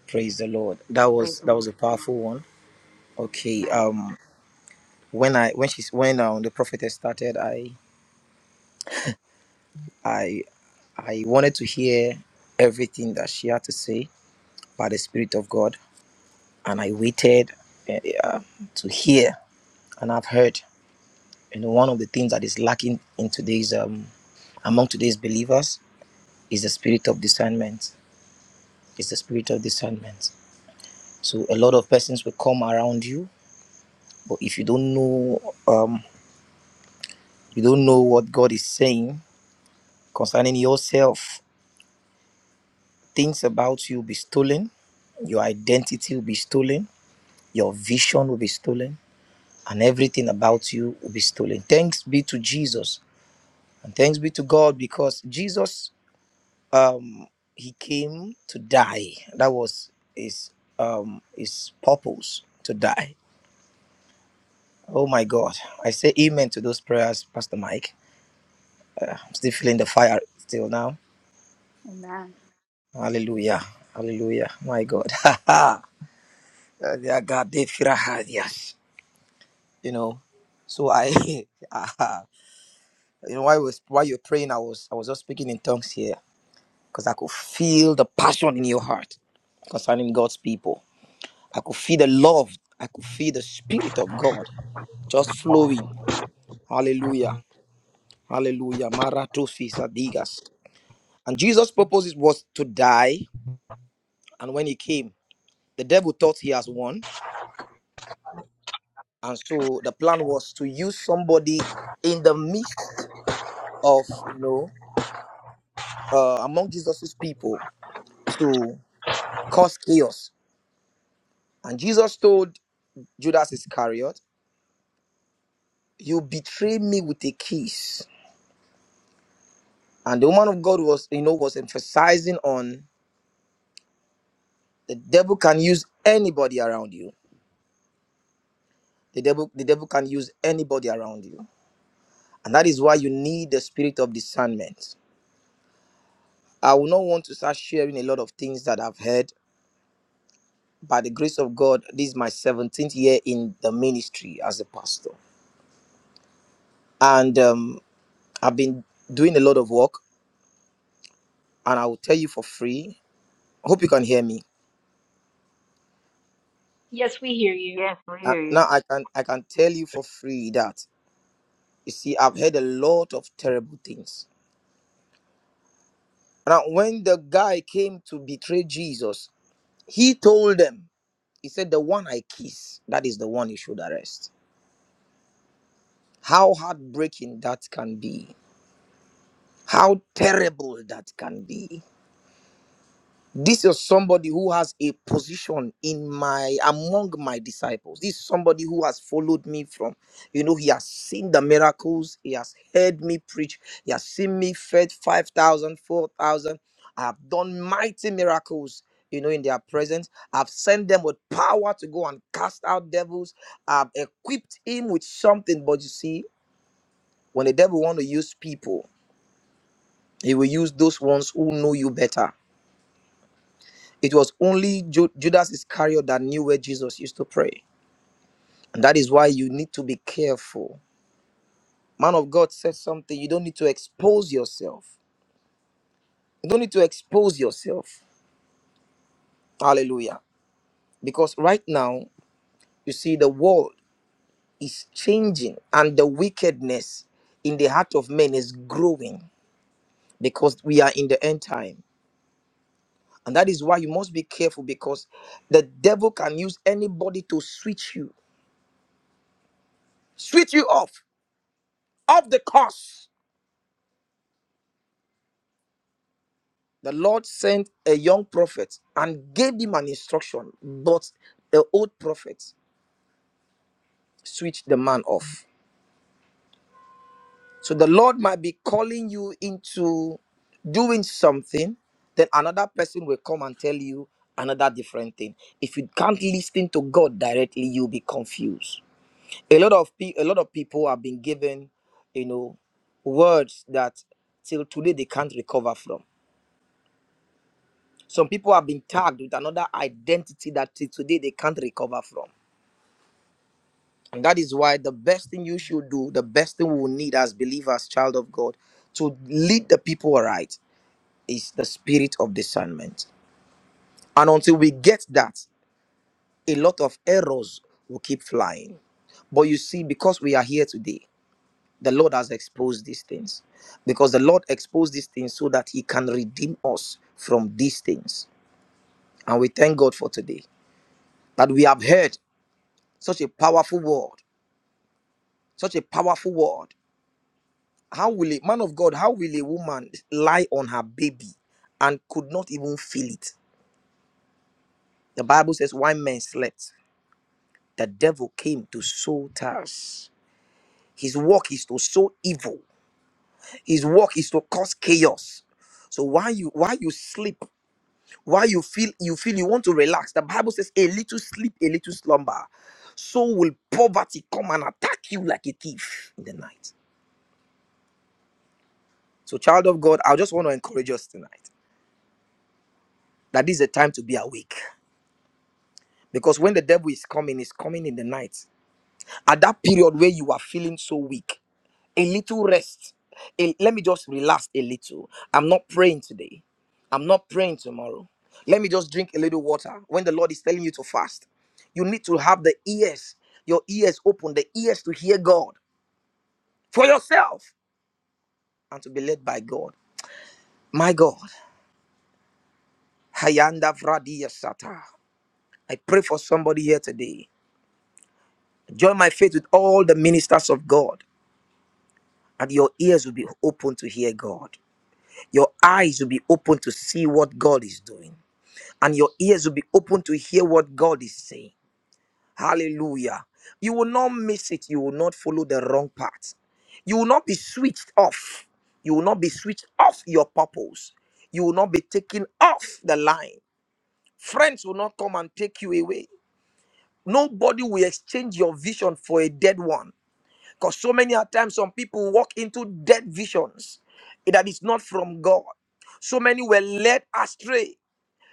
Praise the Lord. That Praise was the that Lord. was a powerful one. Okay. Amen. Um when I when she's when um, the prophetess started, I I I wanted to hear everything that she had to say by the Spirit of God. And I waited eh, eh, uh, to hear and I've heard. You know, one of the things that is lacking in today's um among today's believers is the spirit of discernment. Is the spirit of discernment. So a lot of persons will come around you But if you don't know, um, you don't know what God is saying concerning yourself, things about you will be stolen, your identity will be stolen, your vision will be stolen, and everything about you will be stolen. Thanks be to Jesus, and thanks be to God because Jesus, um, he came to die. That was his um his purpose to die. Oh my God! I say amen to those prayers, Pastor Mike. Uh, I'm still feeling the fire still now Amen. Hallelujah. Hallelujah. My God. *laughs* Their God, they fear her, yes. You know. So I *laughs* you know while I was while you're praying, I was I was just speaking in tongues here. Because I could feel the passion in your heart concerning God's people. I could feel the love. I could feel the spirit of God just flowing. Hallelujah. Hallelujah. Maratosis adigas. And Jesus' purpose was to die. And when he came, the devil thought he has won and so the plan was to use somebody in the midst of you know uh, among jesus's people to cause chaos and jesus told judas iscariot you betray me with a kiss and the woman of god was you know was emphasizing on the devil can use anybody around you the devil the devil can use anybody around you and that is why you need the spirit of discernment i will not want to start sharing a lot of things that i've heard by the grace of God, this is my 17th year in the ministry as a pastor. And um, I've been doing a lot of work, and I will tell you for free. I Hope you can hear me. Yes, we hear you. Yes, we Uh, hear now you. I can I can tell you for free that you see I've heard a lot of terrible things. Now when the guy came to betray Jesus, he told them, he said, "The one I kiss, that is the one you should arrest." How heartbreaking that can be. How terrible that can be this is somebody who has a position in my among my disciples this is somebody who has followed me from you know he has seen the miracles he has heard me preach he has seen me fed 5000, 4000. i have done mighty miracles you know in their presence i've sent them with power to go and cast out devils i've equipped him with something but you see when the devil want to use people he will use those ones who know you better It was only Ju- Judas Iscariot that knew where Jesus used to pray. And that is why you need to be careful. Man of God said something. You don't need to expose yourself. You don't need to expose yourself. Hallelujah. Because right now, you see, the world is changing and the wickedness in the heart of men is growing because we are in the end time. And that is why you must be careful because the devil can use anybody to switch you, switch you off, off the course the Lord sent a young prophet and gave him an instruction, but the old prophet switched the man off. So the Lord might be calling you into doing something, then another person will come and tell you another different thing. If you can't listen to God directly, you'll be confused. A lot of pe- a lot of people have been given, you know, words that till today they can't recover from Some people have been tagged with another identity that till today they can't recover from. And that is why the best thing you should do, the best thing we will need as believers, child of God, to lead the people aright is the spirit of discernment. And until we get that, a lot of errors will keep flying. But you see, because we are here today, the Lord has exposed these things. Because the Lord exposed these things so that He can redeem us from these things. And we thank God for today that we have heard. Such a powerful word. Such a powerful word. How will a man of God, how will a woman lie on her baby and could not even feel it? The Bible says, Why men slept, the devil came to sow tares. His work is to sow evil, his work is to cause chaos. So while you while you sleep, while you feel you feel you want to relax, the Bible says a little sleep, a little slumber. So will poverty come and attack you like a thief in the night. So, child of God, I just want to encourage us tonight that this is a time to be awake. Because when the devil is coming, he's coming in the night. At that period where you are feeling so weak, a little rest. a- let me just relax a little. I'm not praying today. I'm not praying tomorrow. Let me just drink a little water. When the Lord is telling you to fast, you need to have the ears, your ears open, the ears to hear God for yourself and to be led by God. My God. Hayanda Vradia Sata. I pray for somebody here today. Join my faith with all the ministers of God, and your ears will be open to hear God. Your eyes will be open to see what God is doing, and your ears will be open to hear what God is saying. Hallelujah. You will not miss it. You will not follow the wrong path. You will not be switched off. You will not be switched off your purpose. You will not be taken off the line. Friends will not come and take you away. Nobody will exchange your vision for a dead one. Because so many a times some people walk into dead visions that is not from God. So many were led astray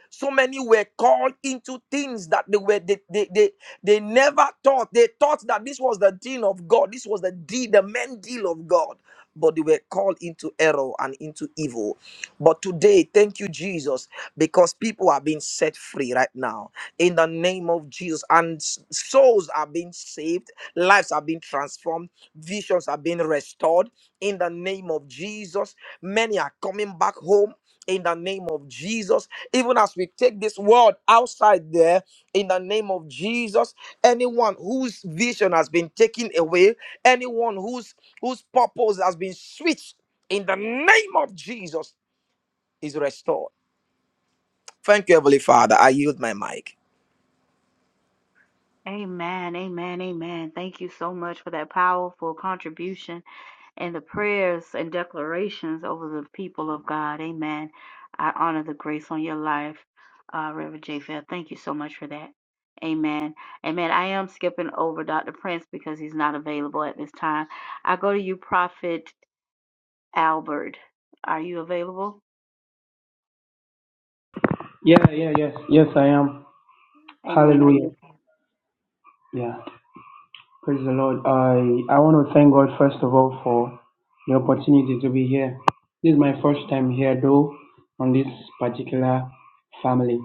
so many were called into things that they were they, they, they, they never thought. They thought that this was the deal of God. This was the deal, the main deal of God. But they were called into error and into evil. But today, thank you, Jesus, because people are being set free right now in the name of Jesus. And s- souls are being saved, lives are being transformed, visions are being restored in the name of Jesus. Many are coming back home in the name of Jesus. Even as we take this word outside there, in the name of Jesus, anyone whose vision has been taken away, anyone whose whose purpose has been switched, in the name of Jesus, is restored. Thank you, Heavenly Father. I yield my mic. Amen. Amen. Amen. Thank you so much for that powerful contribution. and the prayers and declarations over the people of God. Amen. I honor the grace on your life, uh, Reverend J. Fair. Thank you so much for that. Amen. Amen. I am skipping over Dr. Prince because he's not available at this time. I go to you, Prophet Albert. Are you available? Yeah, yeah, yes, yes, I am. Amen. Are you? Hallelujah. okay? Yeah, praise the Lord. I I want to thank God first of all for the opportunity to be here. This is my first time here, though, on this particular family.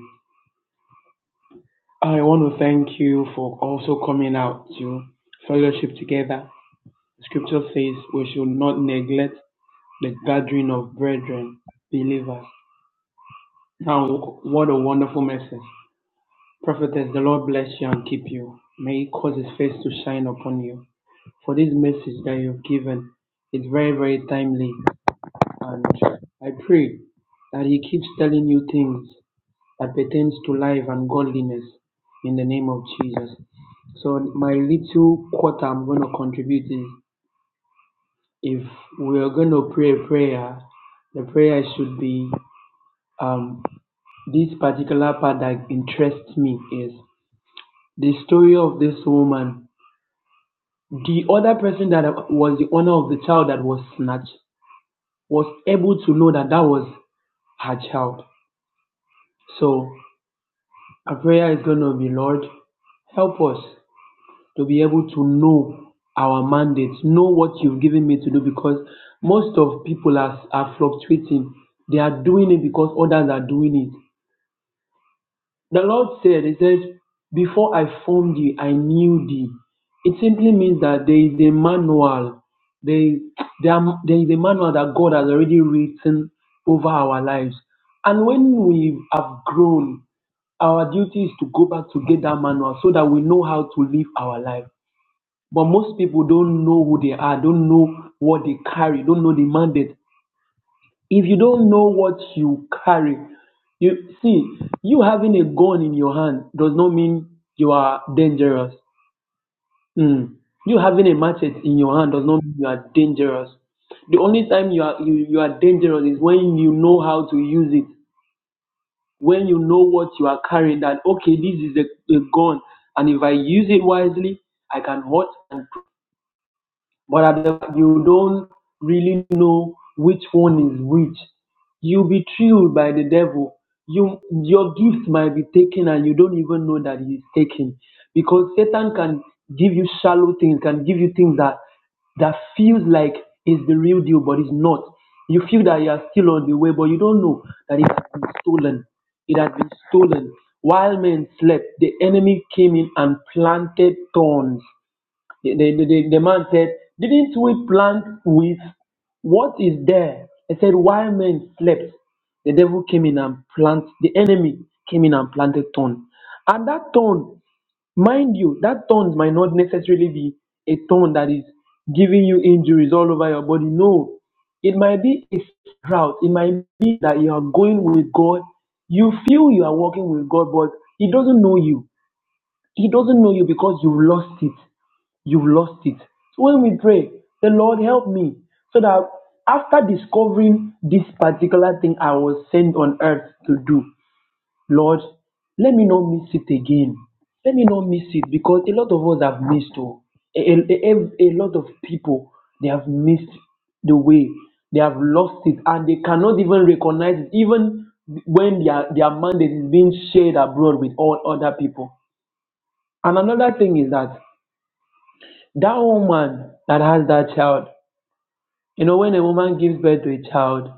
I want to thank you for also coming out to fellowship together. Scripture says we should not neglect the gathering of brethren, believers. Now, what a wonderful message! Prophetess, the Lord bless you and keep you. May He cause His face to shine upon you. For this message that you've given, it's very, very timely. And I pray that He keeps telling you things that pertains to life and godliness in the name of Jesus. So my little quarter I'm going to contribute is if we are going to pray a prayer, the prayer should be um, this particular part that interests me is the story of this woman The other person that was the owner of the child that was snatched was able to know that that was her child. So our prayer is going to be, Lord, help us to be able to know our mandate, know what you've given me to do, because most of people are, are fluctuating. They are doing it because others are doing it. The Lord said, He says, Before I formed thee, I knew thee. It simply means that there is a manual. There, there, are- there is a manual that God has already written over our lives. And when we have grown, our duty is to go back to get that manual so that we know how to live our life. But most people don't know who they are, don't know what they carry, don't know the mandate if you don't know what you carry you see you having a gun in your hand does not mean you are dangerous mm. you having a machete in your hand does not mean you are dangerous the only time you are you, you are dangerous is when you know how to use it when you know what you are carrying that okay this is a, a gun and if i use it wisely i can hurt and. but at the, you don't really know which one is which. You'll be thrilled by the devil. You your gift might be taken and you don't even know that he's taken because Satan can give you shallow things, can give you things that that feels like is the real deal, but it's not. You feel that you are still on the way, but you don't know that it has been stolen. It has been stolen. While men slept, the enemy came in and planted thorns the, the, the, the man said, Didn't we plant with what is there? I said, Why men slept? The devil came in and planted. the enemy came in and planted thorn. And that thorn, mind you, that thorn might not necessarily be a thorn that is giving you injuries all over your body. No. It might be a drought. It might be that you are going with God. You feel you are walking with God, but He doesn't know you. He doesn't know you because you've lost it you've lost it. So when we pray, the Lord help me, so that after discovering this particular thing I was sent on earth to do, Lord, let me not miss it again. Let me not miss it because a lot of us have missed. Oh, a, a, a a lot of people they have missed the way they have lost it and they cannot even recognize it, even when their their mandate is being shared abroad with all other people. And another thing is that that woman that has that child, you know, when a woman gives birth to a child,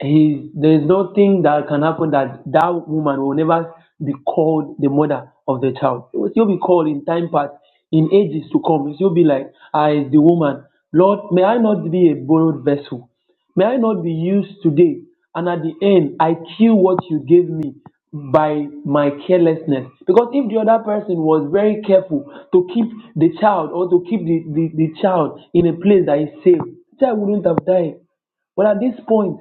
he, there is nothing that can happen that that woman will never be called the mother of the child. It will still be called in time past, in ages to come. It will still be like, I is the woman. Lord, may I not be a borrowed vessel. May I not be used today. And at the end, I kill what you gave me by my carelessness. Because if the other person was very careful to keep the child or to keep the, the, the child in a place that is safe, the child wouldn't have died. But at this point,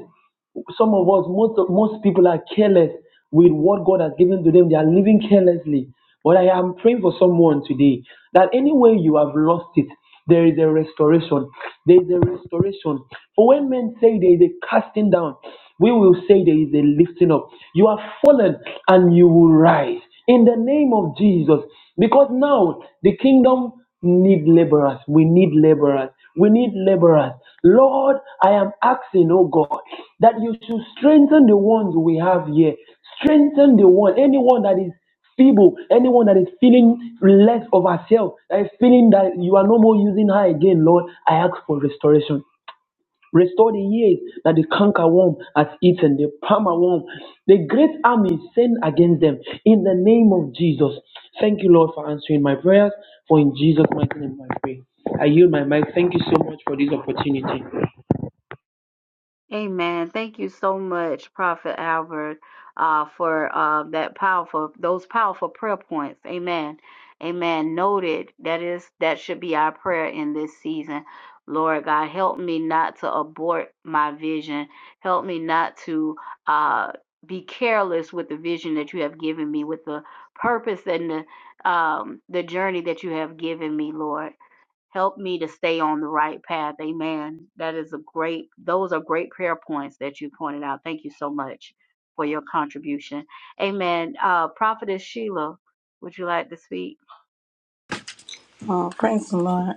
some of us, most of- most people are careless with what God has given to them. They are living carelessly. But I am praying for someone today that anywhere you have lost it, there is a restoration. There is a restoration. For when men say there is a casting down, we will say there is a lifting up. You have fallen and you will rise in the name of Jesus. Because now the kingdom need laborers. We need laborers. We need laborers. Lord, I am asking, oh God, that you should strengthen the ones we have here. Strengthen the one, anyone that is feeble, anyone that is feeling less of herself, that is feeling that you are no more using her again, Lord, I ask for restoration. Restore the years that the canker worm has eaten, the palmer worm. the great army sent against them in the name of Jesus. Thank you, Lord, for answering my prayers. For in Jesus' mighty name I pray. I yield my mic. Thank you so much for this opportunity. Amen. Thank you so much, Prophet Albert, uh, for uh, that powerful, those powerful prayer points. Amen. Amen. Noted. That is, that should be our prayer in this season. Lord God, help me not to abort my vision. Help me not to uh, be careless with the vision that you have given me, with the purpose and the um, the journey that you have given me, Lord. Help me to stay on the right path. Amen. That is a great, those are great prayer points that you pointed out. Thank you so much for your contribution. Amen. Uh, Prophetess Sheila, would you like to speak? Oh, praise the Lord.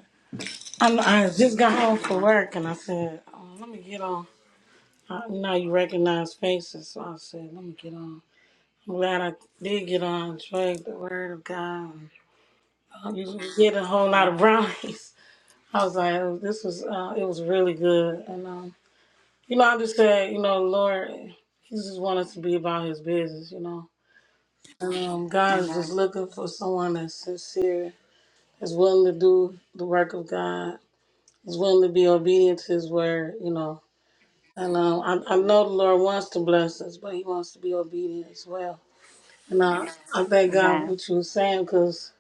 i I just got home from Amen. work and I said, oh, let me get on. I, you know, you recognize faces, so I said, let me get on. I'm glad I did get on and shared the word of God. I usually get a whole lot of Amen. brownies. *laughs* I was like, oh, this was, uh, it was really good. And, um, you know, I just said, you know, Lord, He just wanted to be about His business, you know. And um, God is just Amen. looking for someone that's sincere, that's willing to do the work of God He's willing to be obedient to his word, you know. And um, I, I Mhm. know the Lord wants to bless us, but he wants to be obedient as well. And I, I thank God for Amen. what you were saying because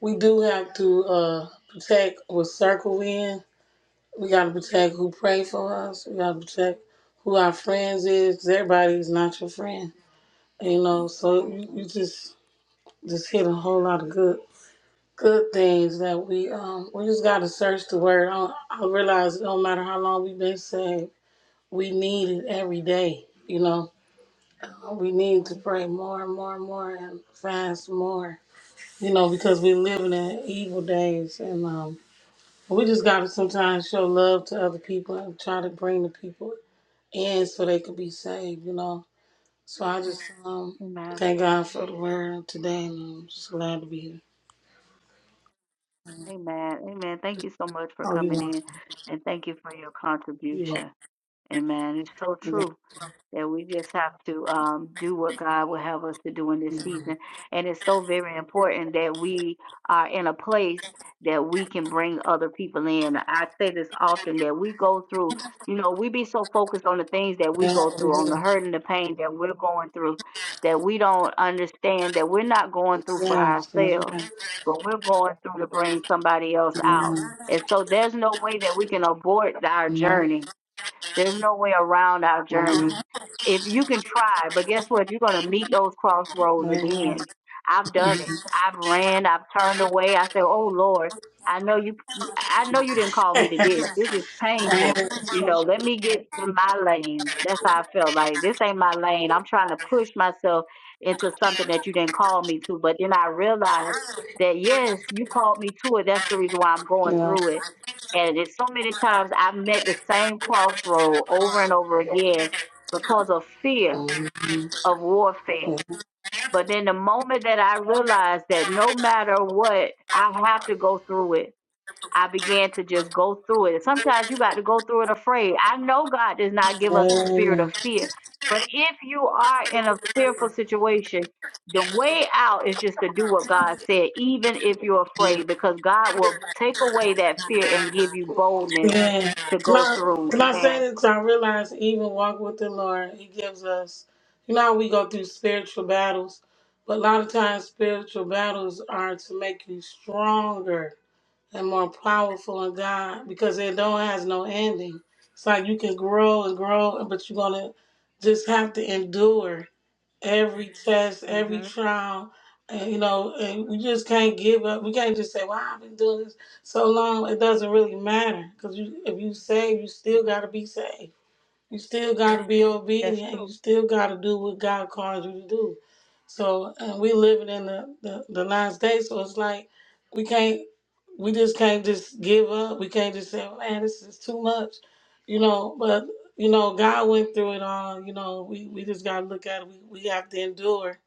we do have to uh, protect what circle we in. We got to protect who pray for us. We got to protect who our friends is 'cause everybody is not your friend, you know. So you, you Mhm. just just hit a whole lot of good good things that we um we just got to search the word. I, I realize it don't matter how long we've been saved we need it every day, you know. We need to pray more and more and more and fast more, you know, because we're living in evil days. And um, we just got to sometimes show love to other people and try to bring the people in so they could be saved, you know. So I just um, Amen. thank God for the word today, and I'm just glad to be here. Amen. Amen. Thank you so much for Oh, you coming want, in and thank you for your you contribution. Amen. It's so want. true. that we just have to um, do what God will have us to do in this season. Yeah, And it's so very important that we are in a place that we can bring other people in. I say this often that we go through, you know, we be so focused on the things that we go we through, on do. the hurt and the pain that we're going through, that we don't understand that we're not going through for Yes, that's ourselves, right. but we're going through to bring somebody else out. Mhm. And so there's no way that we can abort our You know? journey there's no way around our journey. Mhm. If you can try, but guess what? You're going to meet those crossroads Very again. nice. I've done it. I've ran. I've turned away. I said, "Oh Lord, I know you. Yeah. I know you didn't call me to this. This is painful. You know, let me get to my lane." That's how I felt. Like this ain't my lane. I'm trying to push myself into something that you didn't call me to. But then I realized that yes, you called me to it. That's the reason why I'm going Mhm. through it and there's so many times I've met the same crossroad over and over again because of fear of warfare. But then the moment that I realized that no matter what, I have to go through it, I began to just go through it. And sometimes you got to go through it afraid. I know God does not give us the spirit of fear. But if you are in a fearful situation, the way out is just to do what God said, even if you're Yeah. afraid, because God will take away that fear and give Amen. you boldness Yeah. to To go my, through. to my saying Amen. is 'cause I realize even walk with the Lord, He gives us, you know, how we go through spiritual battles, but a lot of times spiritual battles are to make you stronger and more powerful in God because it don't has no ending. It's like you can grow and grow, but you're going to just have to endure every test, every hmm trial, and you know, and we just can't give up. We can't just say, "Well, I've been doing this so long." It doesn't really matter because you, if you save, you still got to be saved. You still got to be That's obedient. You true. still got to do what God calls you to do. So, and we living in the, the, the last day, so it's like we can't, we just can't just give up. We can't just say, "Oh, man, this is too much, you know. But, you know, God went through it all. You know, we, we just got to look at it. We, we have to endure.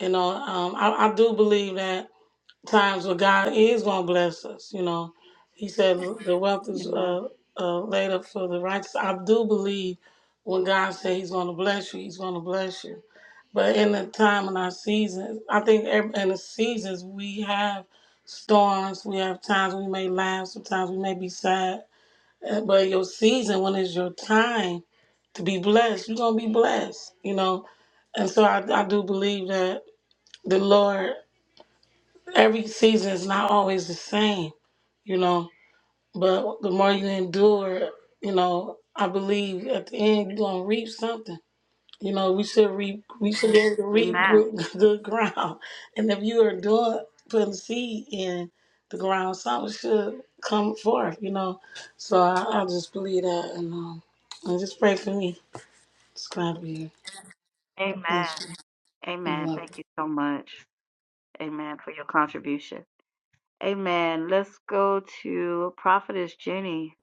You know, um, I, I do believe that times where God is going to bless us. You know, He said the wealth is Amen. uh, uh, laid up for the righteous. I do believe when God said He's going to bless you, He's going to bless you. But in the time and our seasons, I think ev- in the seasons we have storms, we have times we may laugh, sometimes we may be sad. Uh, But your season, when it's your time to be blessed, you're going to be blessed, you know. And so I, I do believe that the Lord every season is not always the same, you know. But the more you endure, you know, I believe at the end you're gonna reap something. You know, we should reap. We should be able to reap Amen. gro- *laughs* good ground. And if you are doing putting seed in the ground, something should come forth. You know, so I, I just believe that, and um, and just pray for me. It's glad to be here. Amen. That's you. You're Amen. Thank welcome. you so much. Amen for your contribution. Amen. Let's go to Prophetess Jenny.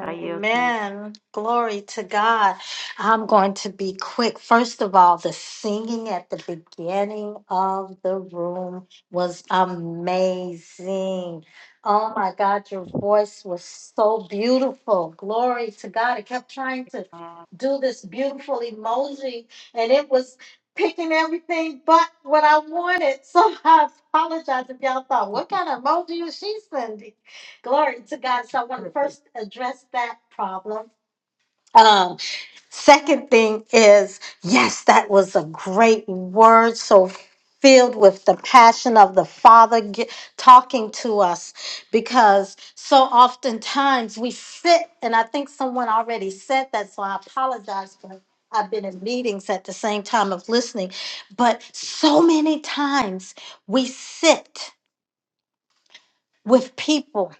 I yield to you. Amen. Glory to God. I'm going to be quick. First of all, the singing at the beginning of the room was amazing. Oh my God, your voice was so beautiful. Glory to God. It kept trying to ma'am. do this beautiful emoji, and it was picking everything but what I wanted. *laughs* So I apologize if y'all thought, what kind of emoji is she sending? Glory to God. So I want to *laughs* first address that problem. Um, second thing is, yes, that was a great word. So filled with the passion of the Father ge- talking to us because so oftentimes we sit, and I think someone already said that, so I apologize for. I've been in meetings at the same time of listening, but so many times we sit with people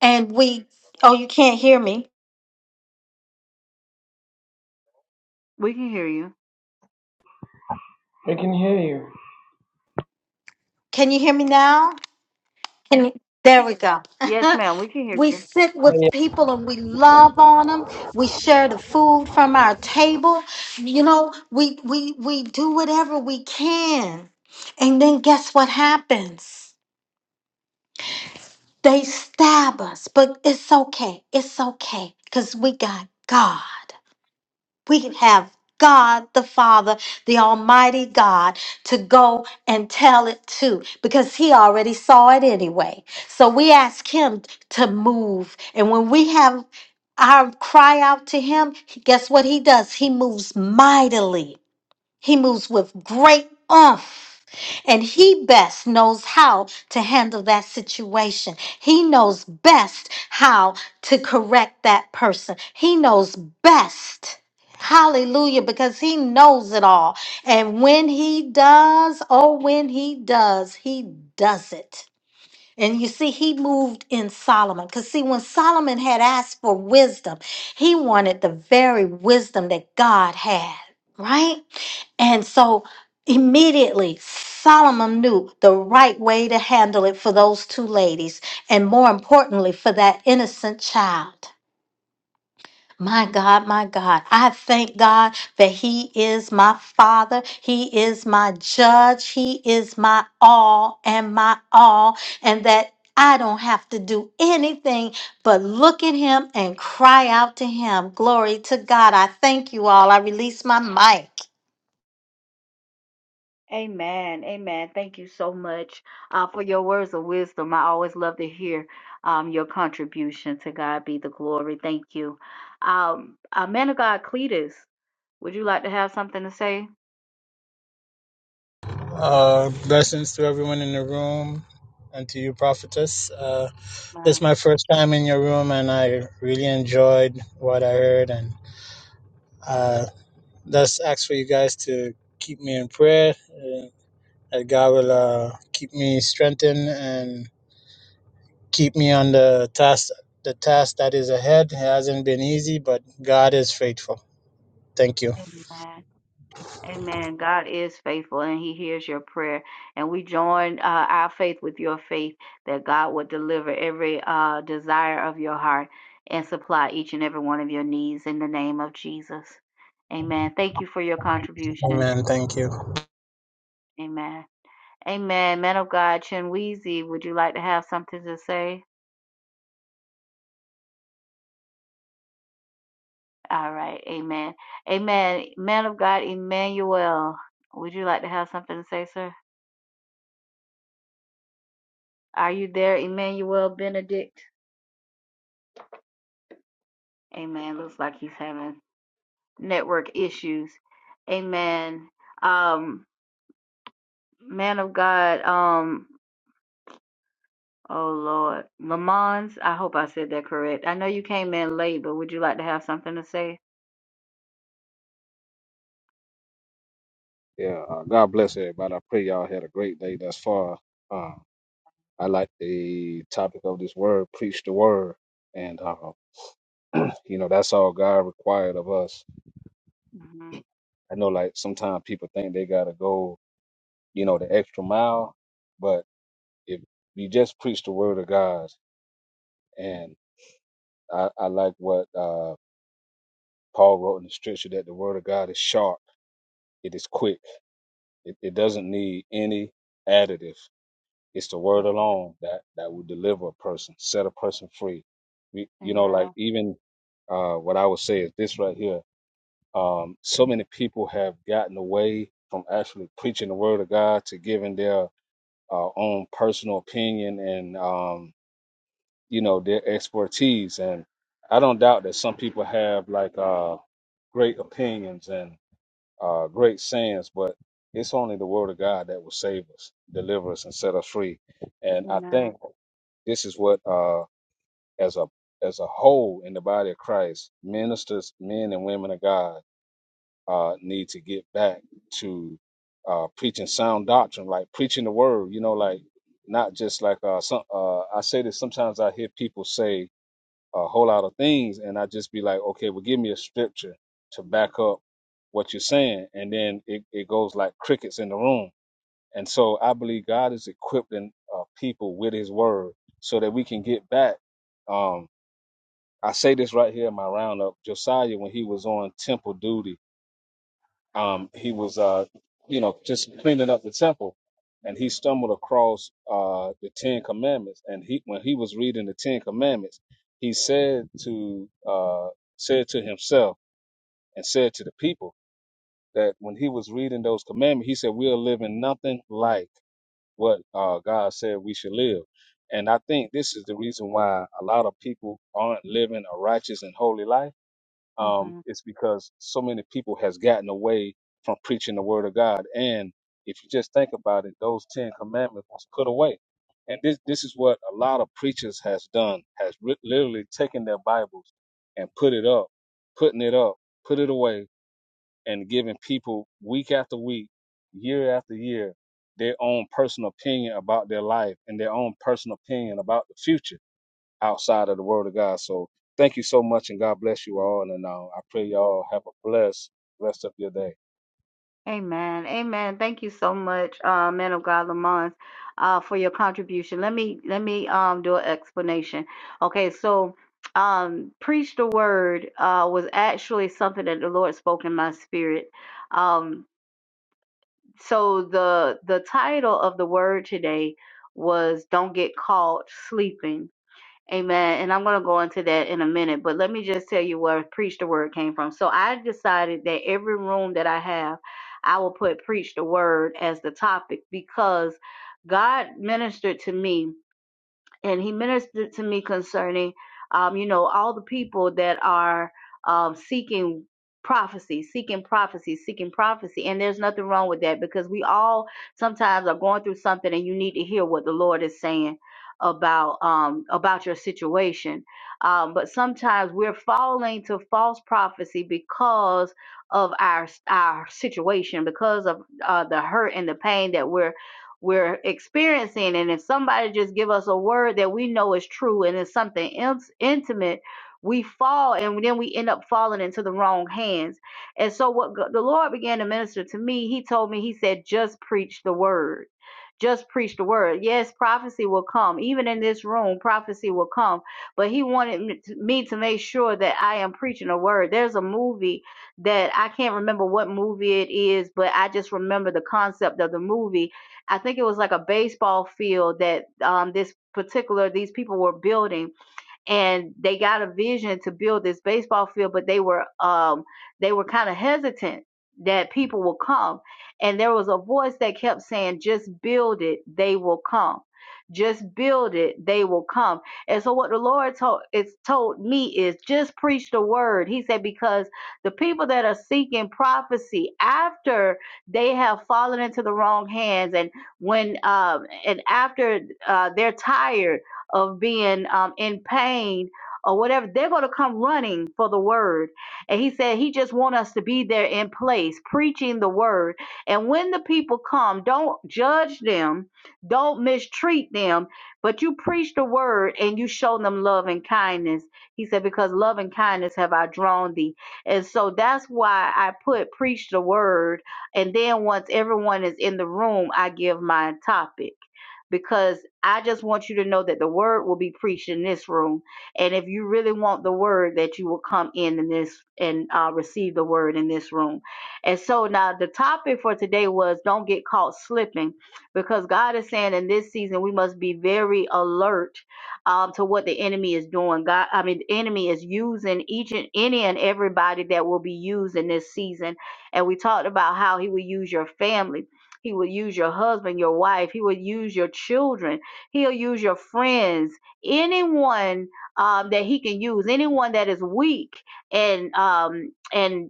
and we, oh, you can't hear me. We can hear you. I can hear you. Can you hear me now? Can you- There we go. Yes, *laughs* ma'am. We can hear we you. sit with people and we love on them. We share the food from our table. You know, we we we do whatever we can. And then guess what happens? They stab us, but it's okay. It's okay cuz we got God. we can have God the Father, the Almighty God, to go and tell it to because He already saw it anyway. So we ask Him to move. And when we have our cry out to Him, guess what He does? He moves mightily. He moves with great oomph, And he best knows how to handle that situation. He knows best how to correct that person. He knows best. Hallelujah, because he knows it all. And when he does, oh, when he does, he does it. And you see, he moved in Solomon. Because, see, when Solomon had asked for wisdom, he wanted the very wisdom that God had, right? And so immediately Solomon knew the right way to handle it for those two ladies, and more importantly, for that innocent child. My God, my God, I thank God that He is my Father. He is my judge. He is my all and my all, and that I don't have to do anything but look at Him and cry out to Him. Glory to God. I thank you all. I release my mic. Amen. Amen. Thank you so much uh, for your words of wisdom. I always love to hear um, your contribution. To God be the glory. Thank you. Um, uh, man of God, Cletus. Would you like to have something to say? Uh, blessings to everyone in the room and to you, prophetess. Uh, this is Ma'am? my first time in your room, and I really enjoyed what I heard. And uh, let's ask for you guys to keep me in prayer uh, that God will uh, keep me strengthened and keep me on the task. The task that is ahead It hasn't been easy, but God is faithful. Thank you. Amen. Amen. God is faithful and He hears your prayer. And we join uh, our faith with your faith that God would deliver every uh, desire of your heart and supply each and every one of your needs in the name of Jesus. Amen. Thank you for your contribution. Amen. Thank you. Amen. Amen. Man of God, Chinweezy, would you like to have something to say? All right. Amen. Amen. Man of God, Emmanuel, would you like to have something to say, sir? Are you there, Emmanuel Benedict? Amen. Looks like he's having network issues. Amen. Um, man of God, um, oh Lord. Lamons, I hope I said that correct. I know you came in late, but would you like to have something to say? Yeah, uh, God bless everybody. I pray y'all had a great day thus far. Uh, I like the topic of this word, preach the word. And, uh, you know, that's all God required of us. hmm I know, like, sometimes people think they got to go, you know, the extra mile. But if we just preach the word of God, and I, I like what uh, Paul wrote in the scripture that the word of God is sharp, it is quick, it, it doesn't need any additive. It's the word alone that that will deliver a person, set a person free. We, you know, like Amen. even uh, what I would say is this right here. Um, so many people have gotten away from actually preaching the word of God to giving their uh, own personal opinion and um, you know their expertise. And I don't doubt that some people have like uh, great opinions and uh, great sayings, but it's only the word of God that will save us, deliver us, and set us free. And I Amen. think this is what, uh, as a as a whole in the body of Christ, ministers, men and women of God, uh, need to get back to uh, preaching sound doctrine, like preaching the word. You know, like not just like uh, some. Uh, I say this sometimes. I hear people say a whole lot of things, and I just be like, okay, well, give me a scripture to back up what you're saying, and then it, it goes like crickets in the room and so I believe God is equipping uh, people with His Word so that we can get back. Um, I say this right here in my roundup. Josiah, when he was on temple duty, um, he was, uh, you know, just cleaning up the temple, and he stumbled across uh, the Ten Commandments. And he, when he was reading the Ten Commandments, he said to uh, said to himself and said to the people that when he was reading those commandments, he said, "We are living nothing like." what uh, God said we should live. And I think this is the reason why a lot of people aren't living a righteous and holy life. Um, it's because so many people has gotten away from preaching the word of God. And if you just think about it, those Ten Commandments was put away. And this this is what a lot of preachers has done, has ri- literally taken their Bibles and put it up, putting it up, put it away, and giving people week after week, year after year, their own personal opinion about their life and their own personal opinion about the future outside of the Word of God. So thank you so much, and God bless you all. And uh, I pray y'all have a blessed rest of your day. Amen. Amen. Thank you so much, uh, man of God Lamont, uh, for your contribution. Let me let me um do an explanation. Okay, so um preach the word uh was actually something that the Lord spoke in my spirit. Um so the the title of the word today was Don't Get Caught Sleeping Amen. And I'm going to go into that in a minute, but let me just tell you where Preach the Word came from. So I decided that every room that I have, I will put Preach the Word as the topic because God ministered to me and he ministered to me concerning um, you know all the people that are um, seeking prophecy seeking prophecy seeking prophecy and there's nothing wrong with that because we all sometimes are going through something and you need to hear what the lord is saying about um about your situation um but sometimes we're falling to false prophecy because of our our situation because of uh the hurt and the pain that we're we're experiencing and if somebody just give us a word that we know is true and it's something in- intimate we fall and then we end up falling into the wrong hands and so what go- the lord began to minister to me he told me he said just preach the word just preach the word yes prophecy will come even in this room prophecy will come but he wanted me to me to make sure that i am preaching a word there's a movie that i can't remember what movie it is but i just remember the concept of the movie I think it was like a baseball field that um, this particular these people were building and they got a vision to build this baseball field, but they were um they were kind of hesitant that people will come. And there was a voice that kept saying, just build it, they will come. Just build it, they will come. And so what the Lord told it's told me is just preach the word. He said, because the people that are seeking prophecy after they have fallen into the wrong hands and when um and after uh, they're tired of being um, in pain or whatever, they're going to come running for the word. And he said he just want us to be there in place, preaching the word. And when the people come, don't judge them, don't mistreat them, but you preach the word and you show them love and kindness. He said, because love and kindness have I drawn thee. And so that's why I put preach the word. And then once everyone is in the room, I give my topic because I just want you to know that the word will be preached in this room. And if you really want the word, that you will come in in this and uh, receive the word in this room. And so now the topic for today was don't get caught slipping because God is saying in this season we must be very alert um, to what the enemy is doing. God, I mean, the enemy is using each and any and everybody that will be used in this season. And we talked about how he will use your family he will use your husband, your wife. He will use your children. He'll use your friends. Anyone um, that he can use, anyone that is weak and um, and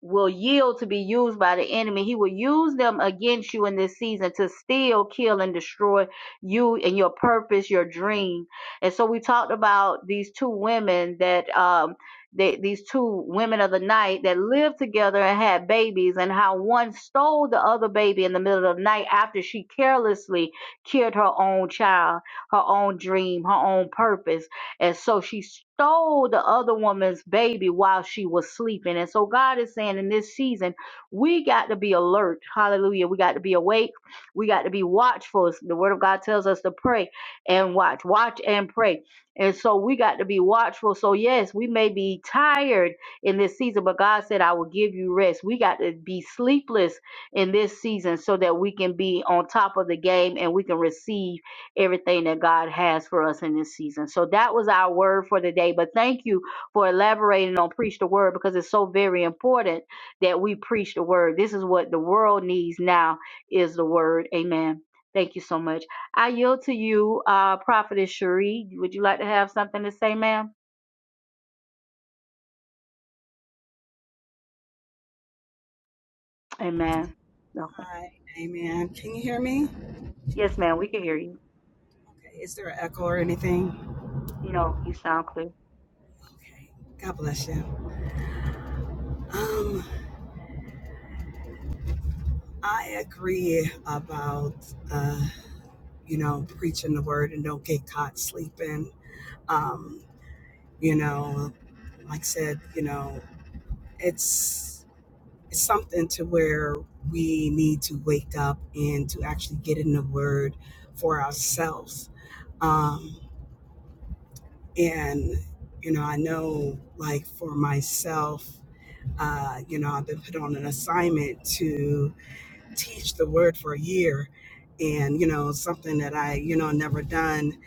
will yield to be used by the enemy. He will use them against you in this season to steal, kill, and destroy you and your purpose, your dream. And so we talked about these two women that um they, these two women of the night that lived together and had babies, and how one stole the other baby in the middle of the night after she carelessly killed her own child, her own dream, her own purpose. And so she stole the other woman's baby while she was sleeping. And so God is saying in this season, we got to be alert. Hallelujah. We got to be awake. We got to be watchful. The word of God tells us to pray and watch, watch and pray. And so we got to be watchful. So, yes, we may be tired in this season, but God said, I will give you rest. We got to be sleepless in this season so that we can be on top of the game and we can receive everything that God has for us in this season. So that was our word for the day. But thank you for elaborating on preach the word because it's so very important that we preach the word. This is what the world needs now is the word. Amen. Thank you so much. I yield to you, uh, Prophetess Cherie. Would you like to have something to say, ma'am? Amen. Okay. Hi, amen. Can you hear me? Yes, ma'am. We can hear you. Okay, is there an echo or anything? You know, you sound clear. Okay, God bless you. Um, I agree about uh, you know, preaching the word and don't get caught sleeping. Um, you know, like I said, you know, it's it's something to where we need to wake up and to actually get in the word for ourselves. Um, and you know, I know like for myself Uh, you know, I've been put on an assignment to teach the word for a year, and you know, something that I you know never done,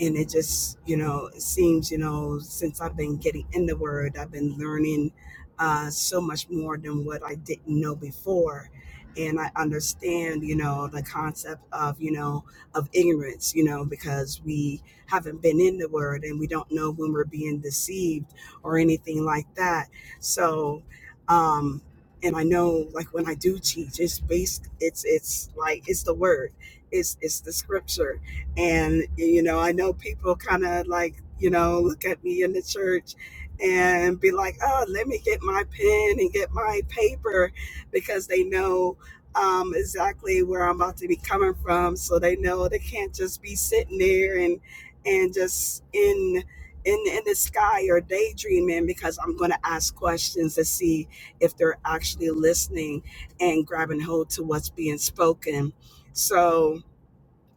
and it just you know it seems you know since i've been getting in the word i've been learning uh, so much more than what i didn't know before and i understand you know the concept of you know of ignorance you know because we haven't been in the word and we don't know when we're being deceived or anything like that so um and i know like when i do teach it's based it's it's like it's the word it's it's the scripture and, you know, I know people kind of like, you know, look at me in the church and be like, oh, let me get my pen and get my paper because they know um, exactly where I'm about to be coming from. So they know they can't just be sitting there and, and just in, in, in the sky or daydreaming because I'm going to ask questions to see if they're actually listening and grabbing hold to what's being spoken. So,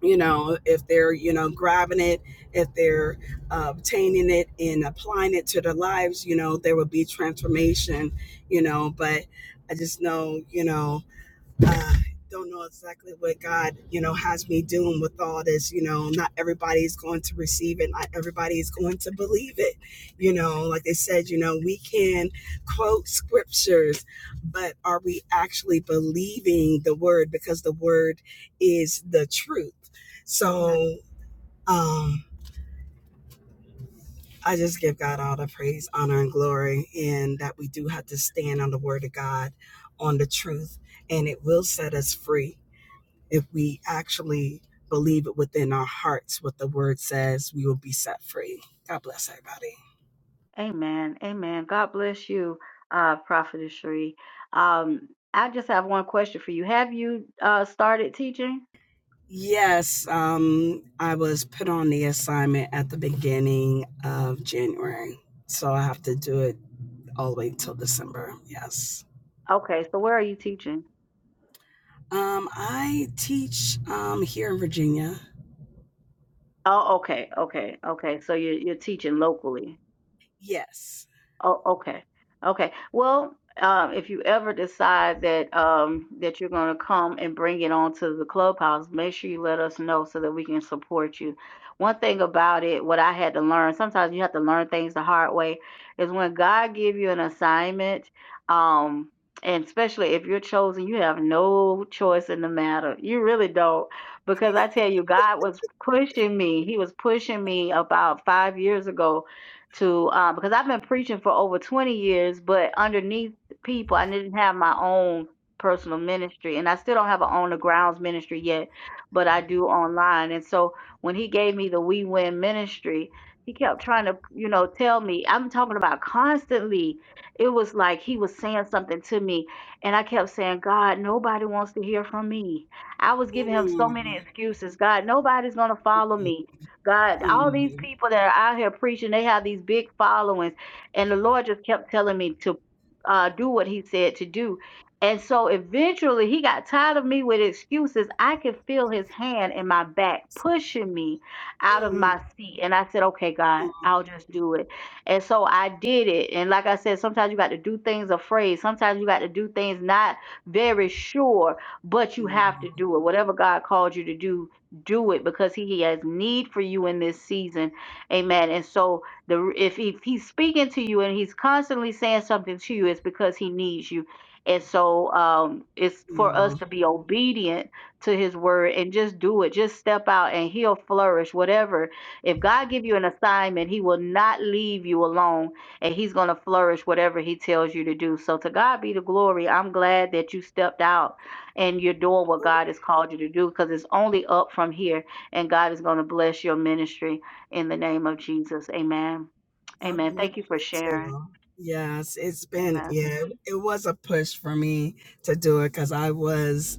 you know if they're you know grabbing it if they're uh, obtaining it and applying it to their lives you know there will be transformation you know but i just know you know uh, don't know exactly what God, you know, has me doing with all this. You know, not everybody's going to receive it. Not everybody going to believe it. You know, like they said, you know, we can quote scriptures, but are we actually believing the word? Because the word is the truth. So, um, I just give God all the praise, honor, and glory, and that we do have to stand on the word of God, on the truth, and it will set us free if we actually believe it within our hearts what the word says we will be set free god bless everybody Amen. Amen. God bless you, uh, Prophetess Sheree. Um, I just have one question for you. Have you uh started teaching? yes um i was put on the assignment at the beginning of january so i have to do it all the way till december yes Okay, so where are you teaching? um i teach um here in virginia Oh, okay, okay, okay. So you're you're teaching locally. yes Oh, okay. Okay. Well, um, if you ever decide that um, that you're going to come and bring it on to the clubhouse, make sure you let us know so that we can support you. One thing about it, what I had to learn, sometimes you have to learn things the hard way, is when God give you an assignment, um, and especially if you're chosen, you have no choice in the matter. You really don't, because I tell you, God was pushing me. He was pushing me about five years ago to uh, because I've been preaching for over 20 years, but underneath people, I didn't have my own personal ministry, and I still don't have an on the grounds ministry yet, but I do online. And so when he gave me the We Win ministry, he kept trying to, you know, tell me. I'm talking about constantly. It was like he was saying something to me, and I kept saying, God, nobody wants to hear from me. I was giving him so many Mm, excuses. God, nobody's going to follow mm, me God, all these mm, people that are out here preaching, they have these big followings. And the Lord just kept telling me to uh, do what He said to do. And so eventually He got tired of me with excuses. I could feel His hand in my back pushing me out of mm, my seat. And I said, okay, God, I'll just do it. And so I did it. And like I said, sometimes you got to do things afraid, sometimes you got to do things not very sure, but you mm, have to mm, do it. Whatever God called you to do, do it because he, he has need for you in this season amen and so the if, he, if he's speaking to you and he's constantly saying something to you it's because he needs you and so um it's for mm, us to be obedient to his word and just do it just step out and he'll flourish whatever if god give you an assignment he will not leave you alone and he's going to flourish whatever he tells you to do so to god be the glory i'm glad that you stepped out and you're doing what God has called you to do because it's only up from here, and God is going to bless your ministry in the name of Jesus. Amen. God Amen. bless Thank you for you sharing. too. Yes, it's been, Amen. yeah, it was a push for me to do it because I was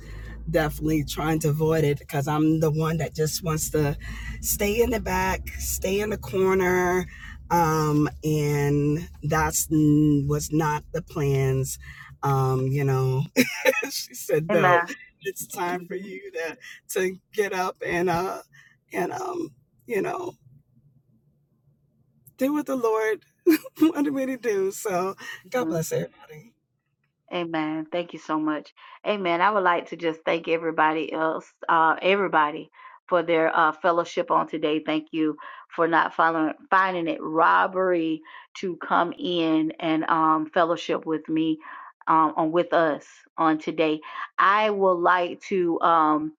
definitely trying to avoid it because I'm the one that just wants to stay in the back, stay in the corner. Um, and that's n- was not the plans. Um, you know, *laughs* she said, no, Amen. it's time for Mhm. you to, to get up and, uh, and, um, you know, do what the Lord *laughs* what do we do? So God Mhm. bless everybody. Amen. Thank you so much. Amen. I would like to just thank everybody else, uh, everybody for their uh, fellowship on today. Thank you for not following, finding it robbery to come in and um, fellowship with me um, on with us on today. I would like to um,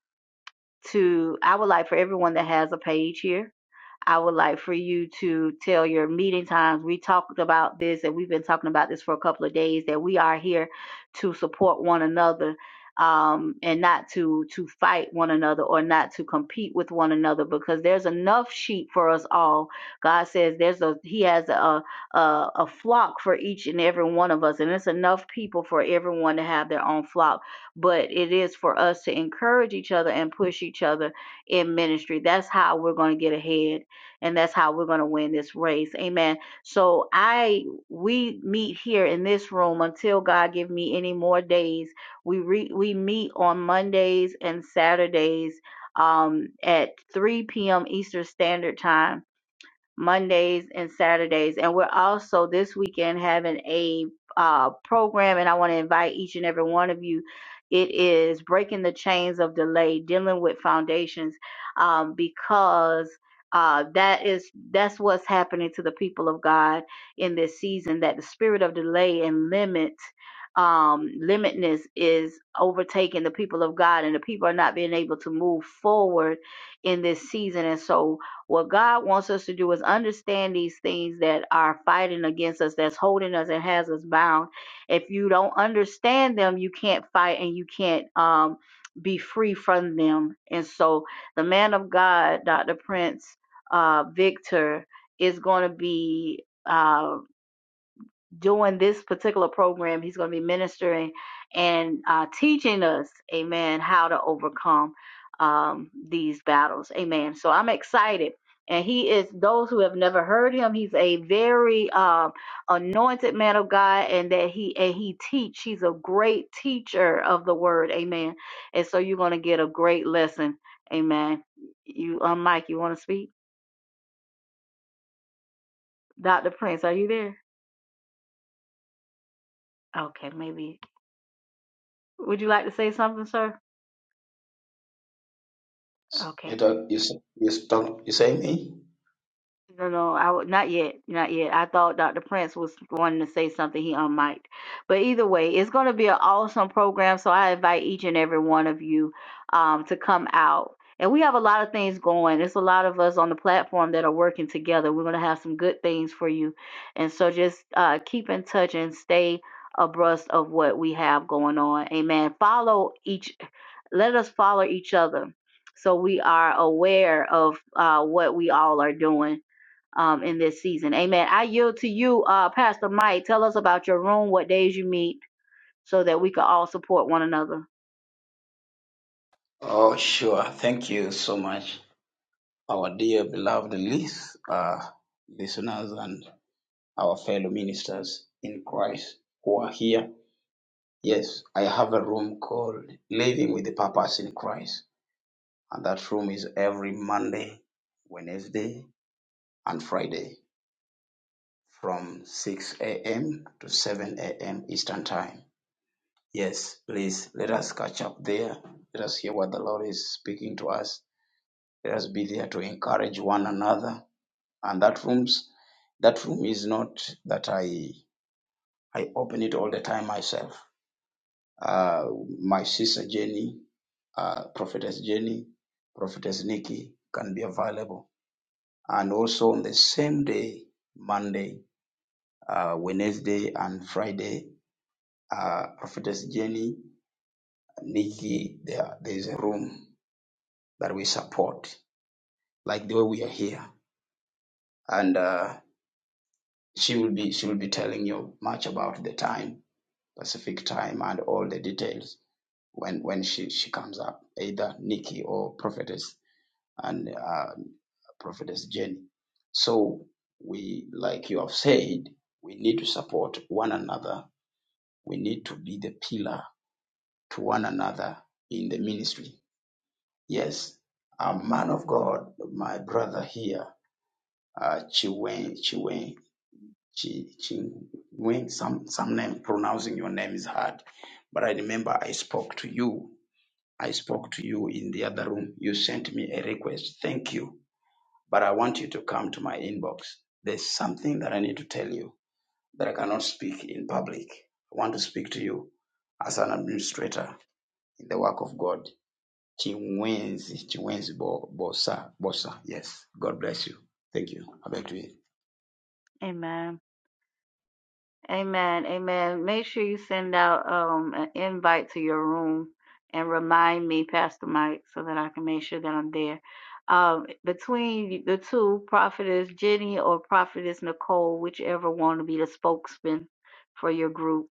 to I would like for everyone that has a page here I would like for you to tell your meeting times. We talked about this and we've been talking about this for a couple of days that we are here to support one another um, and not to to fight one another or not to compete with one another because there's enough sheep for us all. God says there's a he has a a, a flock for each and every one of us and it's enough people for everyone to have their own flock. But it is for us to encourage each other and push each other in ministry. That's how we're going to get ahead and that's how we're going to win this race. Amen. So I we meet here in this room until God give me any more days. We re, we meet on Mondays and Saturdays um at 3 p.m. Eastern Standard Time Mondays and Saturdays. And we're also this weekend having a uh, program, and I want to invite each and every one of you. It is breaking the chains of delay, dealing with foundations, um, because uh, that is that's what's happening to the people of God in this season. That the spirit of delay and limit, um, limitness is overtaking the people of God, and the people are not being able to move forward in this season. And so, what God wants us to do is understand these things that are fighting against us, that's holding us and has us bound. If you don't understand them, you can't fight and you can't um, be free from them. And so the man of God, Dr. Prince uh, Victor, is going to be. uh, doing this particular program. He's going to be ministering and uh, teaching us, amen, how to overcome um, these battles. Amen. So I'm excited. And he is, those who have never heard him, he's a very um, anointed man of God and that he, and he teach, he's a great teacher of the word. Amen. And so you're going to get a great lesson. Amen. You, um, Mike, you want to speak? Dr. Prince, are you there? Okay, maybe. Would you like to say something, sir? Okay. You talk, you s- you talk, you say me? No, no, I would not yet, not yet. I thought Dr. Prince was wanting to say something. He unmiked, but either way, it's going to be an awesome program. So I invite each and every one of you um, to come out. And we have a lot of things going. There's a lot of us on the platform that are working together. We're going to have some good things for you, and so just uh, keep in touch and stay abreast of what we have going on. Amen. Follow each. Let us follow each other, so we are aware of uh, what we all are doing um, in this season. Amen. I yield to you, uh, Pastor Mike. Tell us about your room, what days you meet, so that we can all support one another. Oh, sure. Thank you so much. our dear beloved lis- uh, listeners and our fellow ministers in Christ who are here. Yes, I have a room called Living with the Purpose in Christ, and that room is every Monday, Wednesday, and Friday from 6 a.m. to 7 a.m. Eastern Time. Yes, please let us catch up there. Let us hear what the Lord is speaking to us. Let us be there to encourage one another and that rooms that room is not that i i open it all the time myself uh my sister jenny uh prophetess jenny prophetess nikki can be available and also on the same day monday uh wednesday and friday uh prophetess jenny nikki there there's a room that we support like the way we are here and uh she will be she will be telling you much about the time Pacific time and all the details when when she she comes up, either Nikki or Prophetess and uh, Prophetess Jenny. So we, like you have said, we need to support one another. We need to be the pillar to one another in the ministry. Yes, a man of God, my brother here, uh, Chiwen, Chiwen, Chi, Chingwen, some some name pronouncing your name is hard, but I remember I spoke to you I spoke to you in the other room. You sent me a request. Thank you. But I want you to come to my inbox. There's something that I need to tell you that I cannot speak in public. I want to speak to you as an administrator in the work of God. Chinwenzi, Chinwenzi Bo- Bosa, Bosa. Yes. God bless you. Thank you. I beg to you. Amen. Amen. Amen. Make sure you send out um, an invite to your room and remind me, Pastor Mike, so that I can make sure that I'm there. Um, between the two, Prophetess Jenny or Prophetess Nicole, whichever one to be the spokesman for your group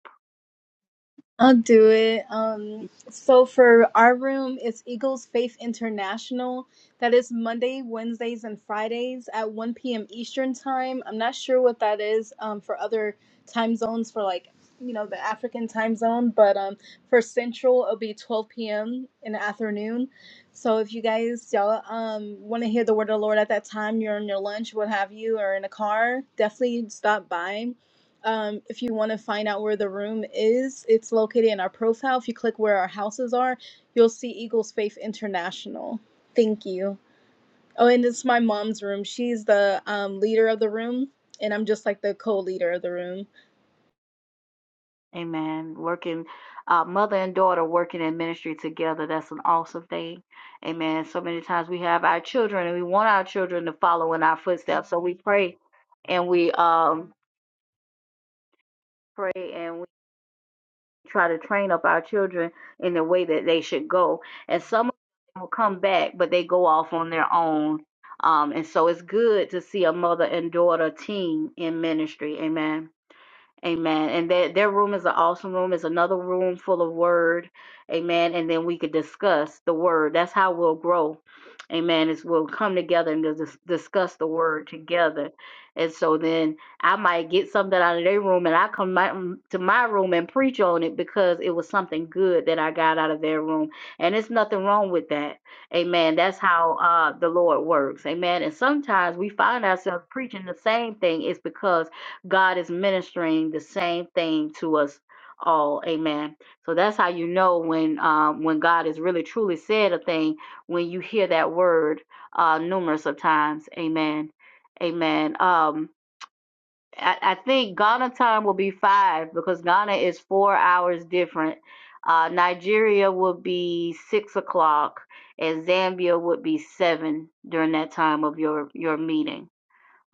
I'll do it. Um, Mhm. so for our room, it's Eagles Faith International. That is Monday, Wednesdays, and Fridays at 1 p.m. Eastern time. I'm not sure what that is um, for other time zones for like, you know, the African time zone, but um, for Central, it'll be 12 p.m. in the afternoon. So if you guys, y'all, um, want to hear the word of the Lord at that time, you're on your lunch, what have you, or in a car, definitely stop by. um, if you want to find out where the room is, it's located in our profile. If you click where our houses are, you'll see Eagles Faith International. Thank you. Oh, and it's my mom's room. She's the um, leader of the room, and I'm just like the co-leader of the room. Amen. Working, uh, mother and daughter working in ministry together. That's an awesome thing. Amen. So many times we have our children and we want our children to follow in our footsteps. So we pray and we um pray and try to train up our children in the way that they should go. And some of them will come back, but they go off on their own. Um, and so it's good to see a mother and daughter team in ministry. Amen. Amen. And that their room is an awesome room. It's another room full of word. Amen. And then we could discuss the word. That's how we'll grow. Amen. Is we'll come together and dis- discuss the word together. And so then I might get something out of their room and I come my, mm, to my room and preach on it because it was something good that I got out of their room. And it's nothing wrong with that. Amen. That's how uh, the Lord works. Amen. And sometimes we find ourselves preaching the same thing. It's because God is ministering the same thing to us all. Amen. So that's how you know when um, when God has really truly said a thing when you hear that word uh, numerous of times. Amen. Amen. Um, I, I think Ghana time will be five because Ghana is four hours different. Uh, Nigeria will be six o'clock, and Zambia would be seven during that time of your your meeting.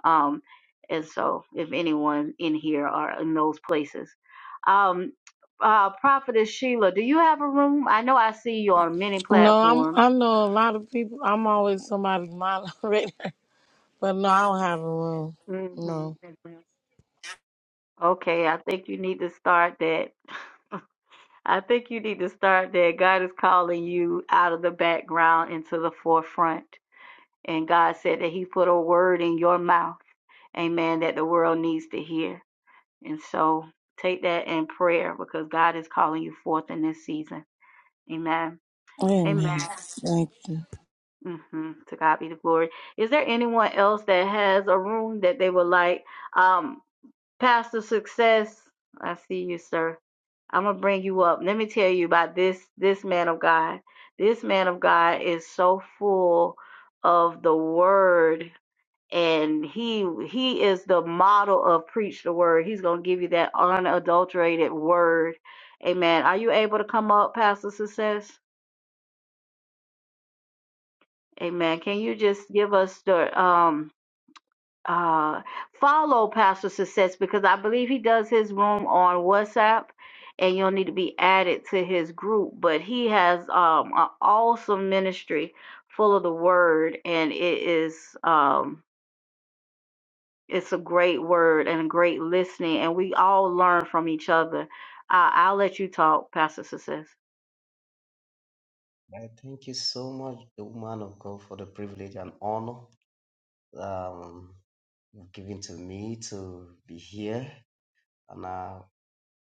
Um, and so, if anyone in here are in those places, um, uh, Prophetess Sheila, do you have a room? I know I see you on many No, I'm. platforms. I know a lot of people. I'm always somebody's moderator. *laughs* But no, I don't have a room. hmm No. Okay, I think you need to start that. I think you need to start that. God is calling you out of the background into the forefront. And God said that He put a word in your mouth, amen, that the world needs to hear. And so take that in prayer because God is calling you forth in this season. Amen. Amen. Amen. Thank you. hmm To God be the glory. Is there anyone else that has a room that they would like? Um, Pastor Success, I see you, sir. I'm gonna bring you up. Let me tell you about this this man of God. This man of God is so full of the word, and he he is the model of preach the word. He's gonna give you that unadulterated word. Amen. Are you able to come up, Pastor Success? Amen. Can you just give us the um uh follow Pastor Success because I believe he does his room on WhatsApp and you'll need to be added to his group. But he has um an awesome ministry full of the word and it is um it's a great word and a great listening and we all learn from each other. I I'll let you talk, Pastor Success. I thank you so much, woman of God, for the privilege and honor um, you've given to me to be here. And I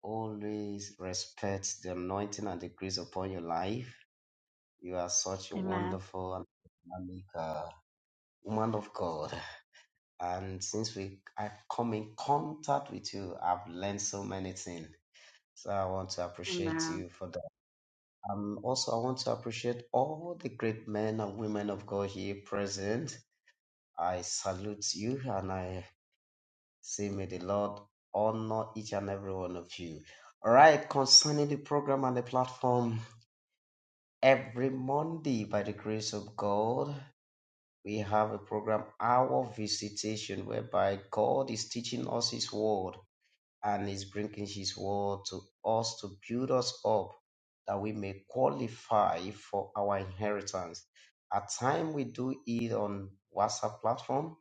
always respect the anointing and the grace upon your life. You are such a Amen. wonderful and dynamic uh, woman of God. And since we I come in contact with you, I've learned so many things. So I want to appreciate you for Um, also, I want to appreciate all the great men and women of God here present. I salute you and I say, may the Lord honor each and every one of you. All right, concerning the program and the platform, every Monday, by the grace of God, we have a program, Our Visitation, whereby God is teaching us His Word. and is bringing his word to us to build us up that we may qualify for our inheritance. At time we do it on WhatsApp platform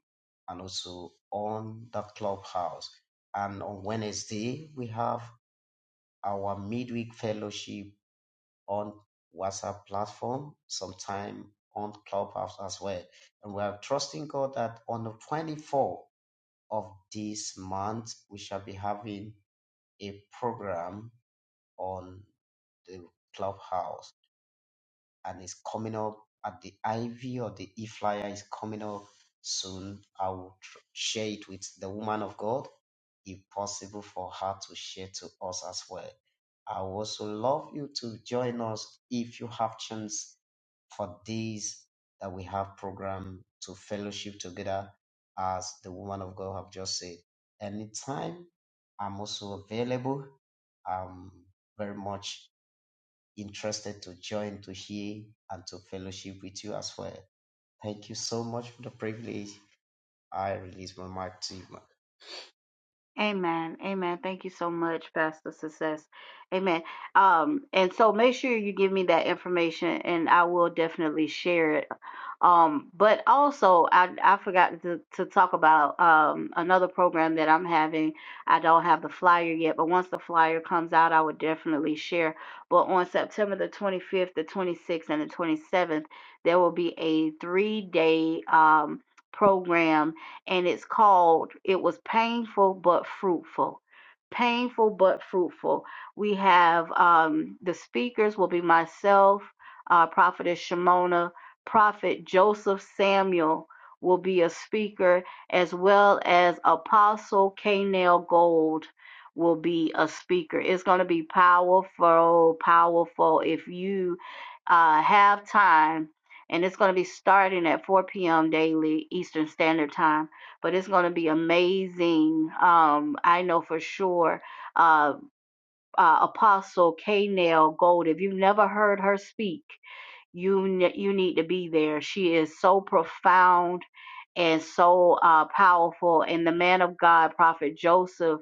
and also on the clubhouse. And on Wednesday we have our midweek fellowship on WhatsApp platform, sometime on clubhouse as well. And we are trusting God that on the 24th of this month we shall be having a program on the clubhouse and it's coming up at the Ivy or the E flyer is coming up soon. I will tr- share it with the woman of God if possible for her to share to us as well. I would also love you to join us if you have chance for this that we have program to fellowship together as the woman of God have just said. Anytime I'm also available. I'm very much interested to join, to hear, and to fellowship with you as well. Thank you so much for the privilege. I release my mic to you. man. Amen. Amen. Thank you so much, Pastor Success. Amen. Um, and so make sure you give me that information and I will definitely share it um, but also, I, I forgot to, to talk about um, another program that I'm having. I don't have the flyer yet, but once the flyer comes out, I would definitely share. But on September the 25th, the 26th, and the 27th, there will be a three day um, program, and it's called It Was Painful But Fruitful. Painful but fruitful. We have um, the speakers will be myself, uh, Prophetess Shimona, Prophet Joseph Samuel will be a speaker, as well as Apostle Kanell Gold will be a speaker. It's going to be powerful, powerful. If you uh, have time, and it's going to be starting at 4 p.m. daily Eastern Standard Time, but it's going to be amazing. Um, I know for sure. Uh, uh, Apostle Kanell Gold. If you've never heard her speak, you ne- you need to be there. She is so profound and so uh, powerful. And the man of God, Prophet Joseph,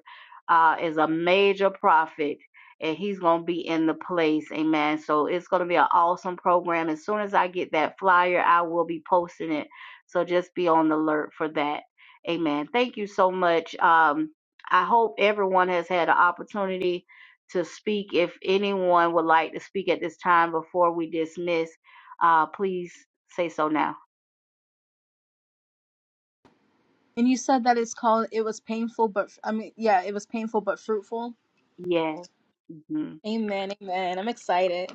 uh, is a major prophet, and he's gonna be in the place. Amen. So it's gonna be an awesome program. As soon as I get that flyer, I will be posting it. So just be on the alert for that. Amen. Thank you so much. Um, I hope everyone has had an opportunity to speak. If anyone would like to speak at this time before we dismiss, uh, please say so now. And you said that it's called. It was painful, but I mean, yeah, it was painful but fruitful. Yes. hmm Amen. Amen. I'm excited.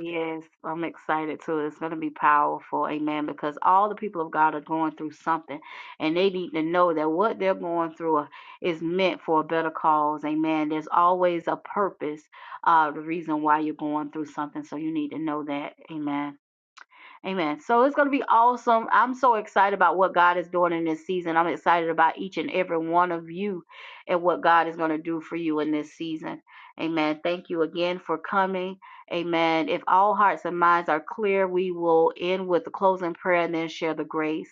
Yes, I'm excited too. It's going to be powerful. Amen. Because all the people of God are going through something and they need to know that what they're going through uh, is meant for a better cause. Amen. There's always a purpose, uh, the reason why you're going through something. So you need to know that. Amen. Amen. So it's going to be awesome. I'm so excited about what God is doing in this season. I'm excited about each and every one of you and what God is going to do for you in this season. Amen. Thank you again for coming. Amen. If all hearts and minds are clear, we will end with the closing prayer and then share the grace.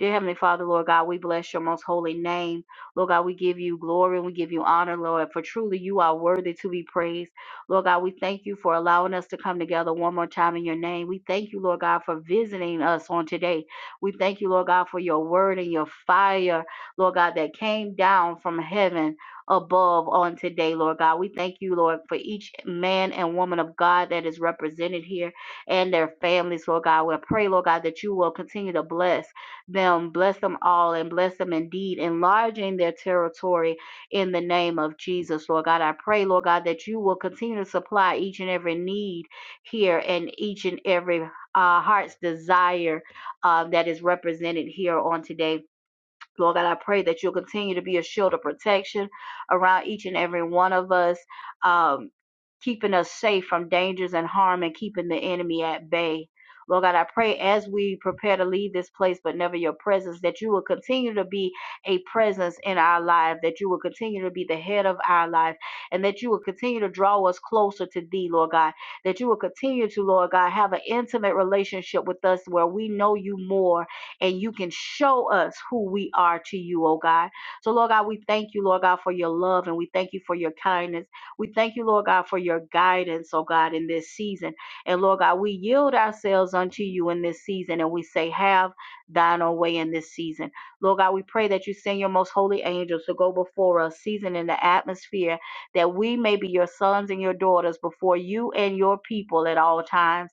Dear Heavenly Father, Lord God, we bless your most holy name. Lord God, we give you glory and we give you honor, Lord, for truly you are worthy to be praised. Lord God, we thank you for allowing us to come together one more time in your name. We thank you, Lord God, for visiting us on today. We thank you, Lord God, for your word and your fire, Lord God, that came down from heaven above on today, Lord God. We thank you, Lord, for each man and woman of God that is represented here and their families, Lord God. We pray, Lord God, that you will continue to bless them, bless them all, and bless them indeed, enlarging their territory in the name of Jesus, Lord God. I pray, Lord God, that you will continue to supply each and every need here and each and every uh, heart's desire uh, that is represented here on today. Lord God, I pray that you'll continue to be a shield of protection around each and every one of us, um, keeping us safe from dangers and harm and keeping the enemy at bay. Lord God, I pray as we prepare to leave this place, but never your presence, that you will continue to be a presence in our life, that you will continue to be the head of our life, and that you will continue to draw us closer to thee, Lord God, that you will continue to, Lord God, have an intimate relationship with us where we know you more and you can show us who we are to you, oh God. So, Lord God, we thank you, Lord God, for your love and we thank you for your kindness. We thank you, Lord God, for your guidance, oh God, in this season. And Lord God, we yield ourselves unto you in this season and we say, Have thine own way in this season. Lord God, we pray that you send your most holy angels to go before us, season in the atmosphere, that we may be your sons and your daughters before you and your people at all times.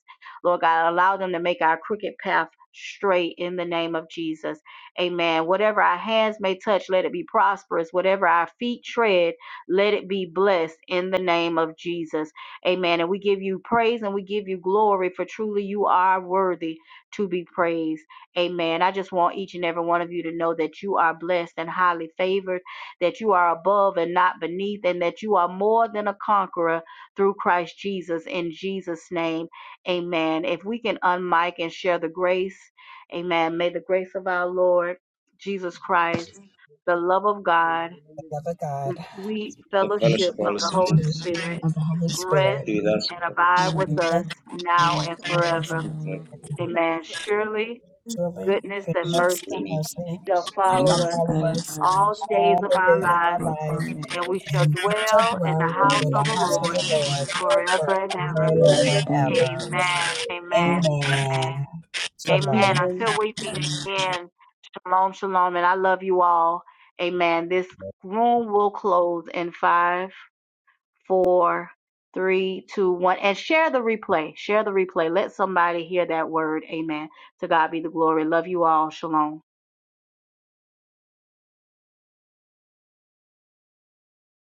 Lord God, allow them to make our crooked path straight in the name of Jesus. Amen. Whatever our hands may touch, let it be prosperous. Whatever our feet tread, let it be blessed in the name of Jesus. Amen. And we give you praise and we give you glory for truly you are worthy to be praised. Amen. I just want each and every one of you to know that you are blessed and highly favored, that you are above and not beneath, and that you are more than a conqueror through Christ Jesus in Jesus' name. Amen. If we can unmic and share the grace, amen. May the grace of our Lord Jesus Christ, the love of God, The love of God the sweet The and the fellowship fellowship sweet of of the the Holy fellowship Spirit Spirit of the Holy rest Spirit. be with us and all. abide with We us thank you now and for this forever. forever. testimony. Amen. Surely Surely, goodness and goodness and mercy mercy shall shall follow Amen. us follow us all the days all of the our days of our lives, life, and we shall and we shall dwell in the dwell house in of the the house of Lord the Lord forever and forever ever. and ever and Amen. ever. Amen. Amen. Amen. Amen. Amen. Shalom. Amen. Until we meet again, shalom, shalom. And I love you all. Amen. This room will close in five, four, three, two, one. And share the replay. Share the replay. Let somebody hear that word. Amen. To God be the glory. Love you all. Shalom.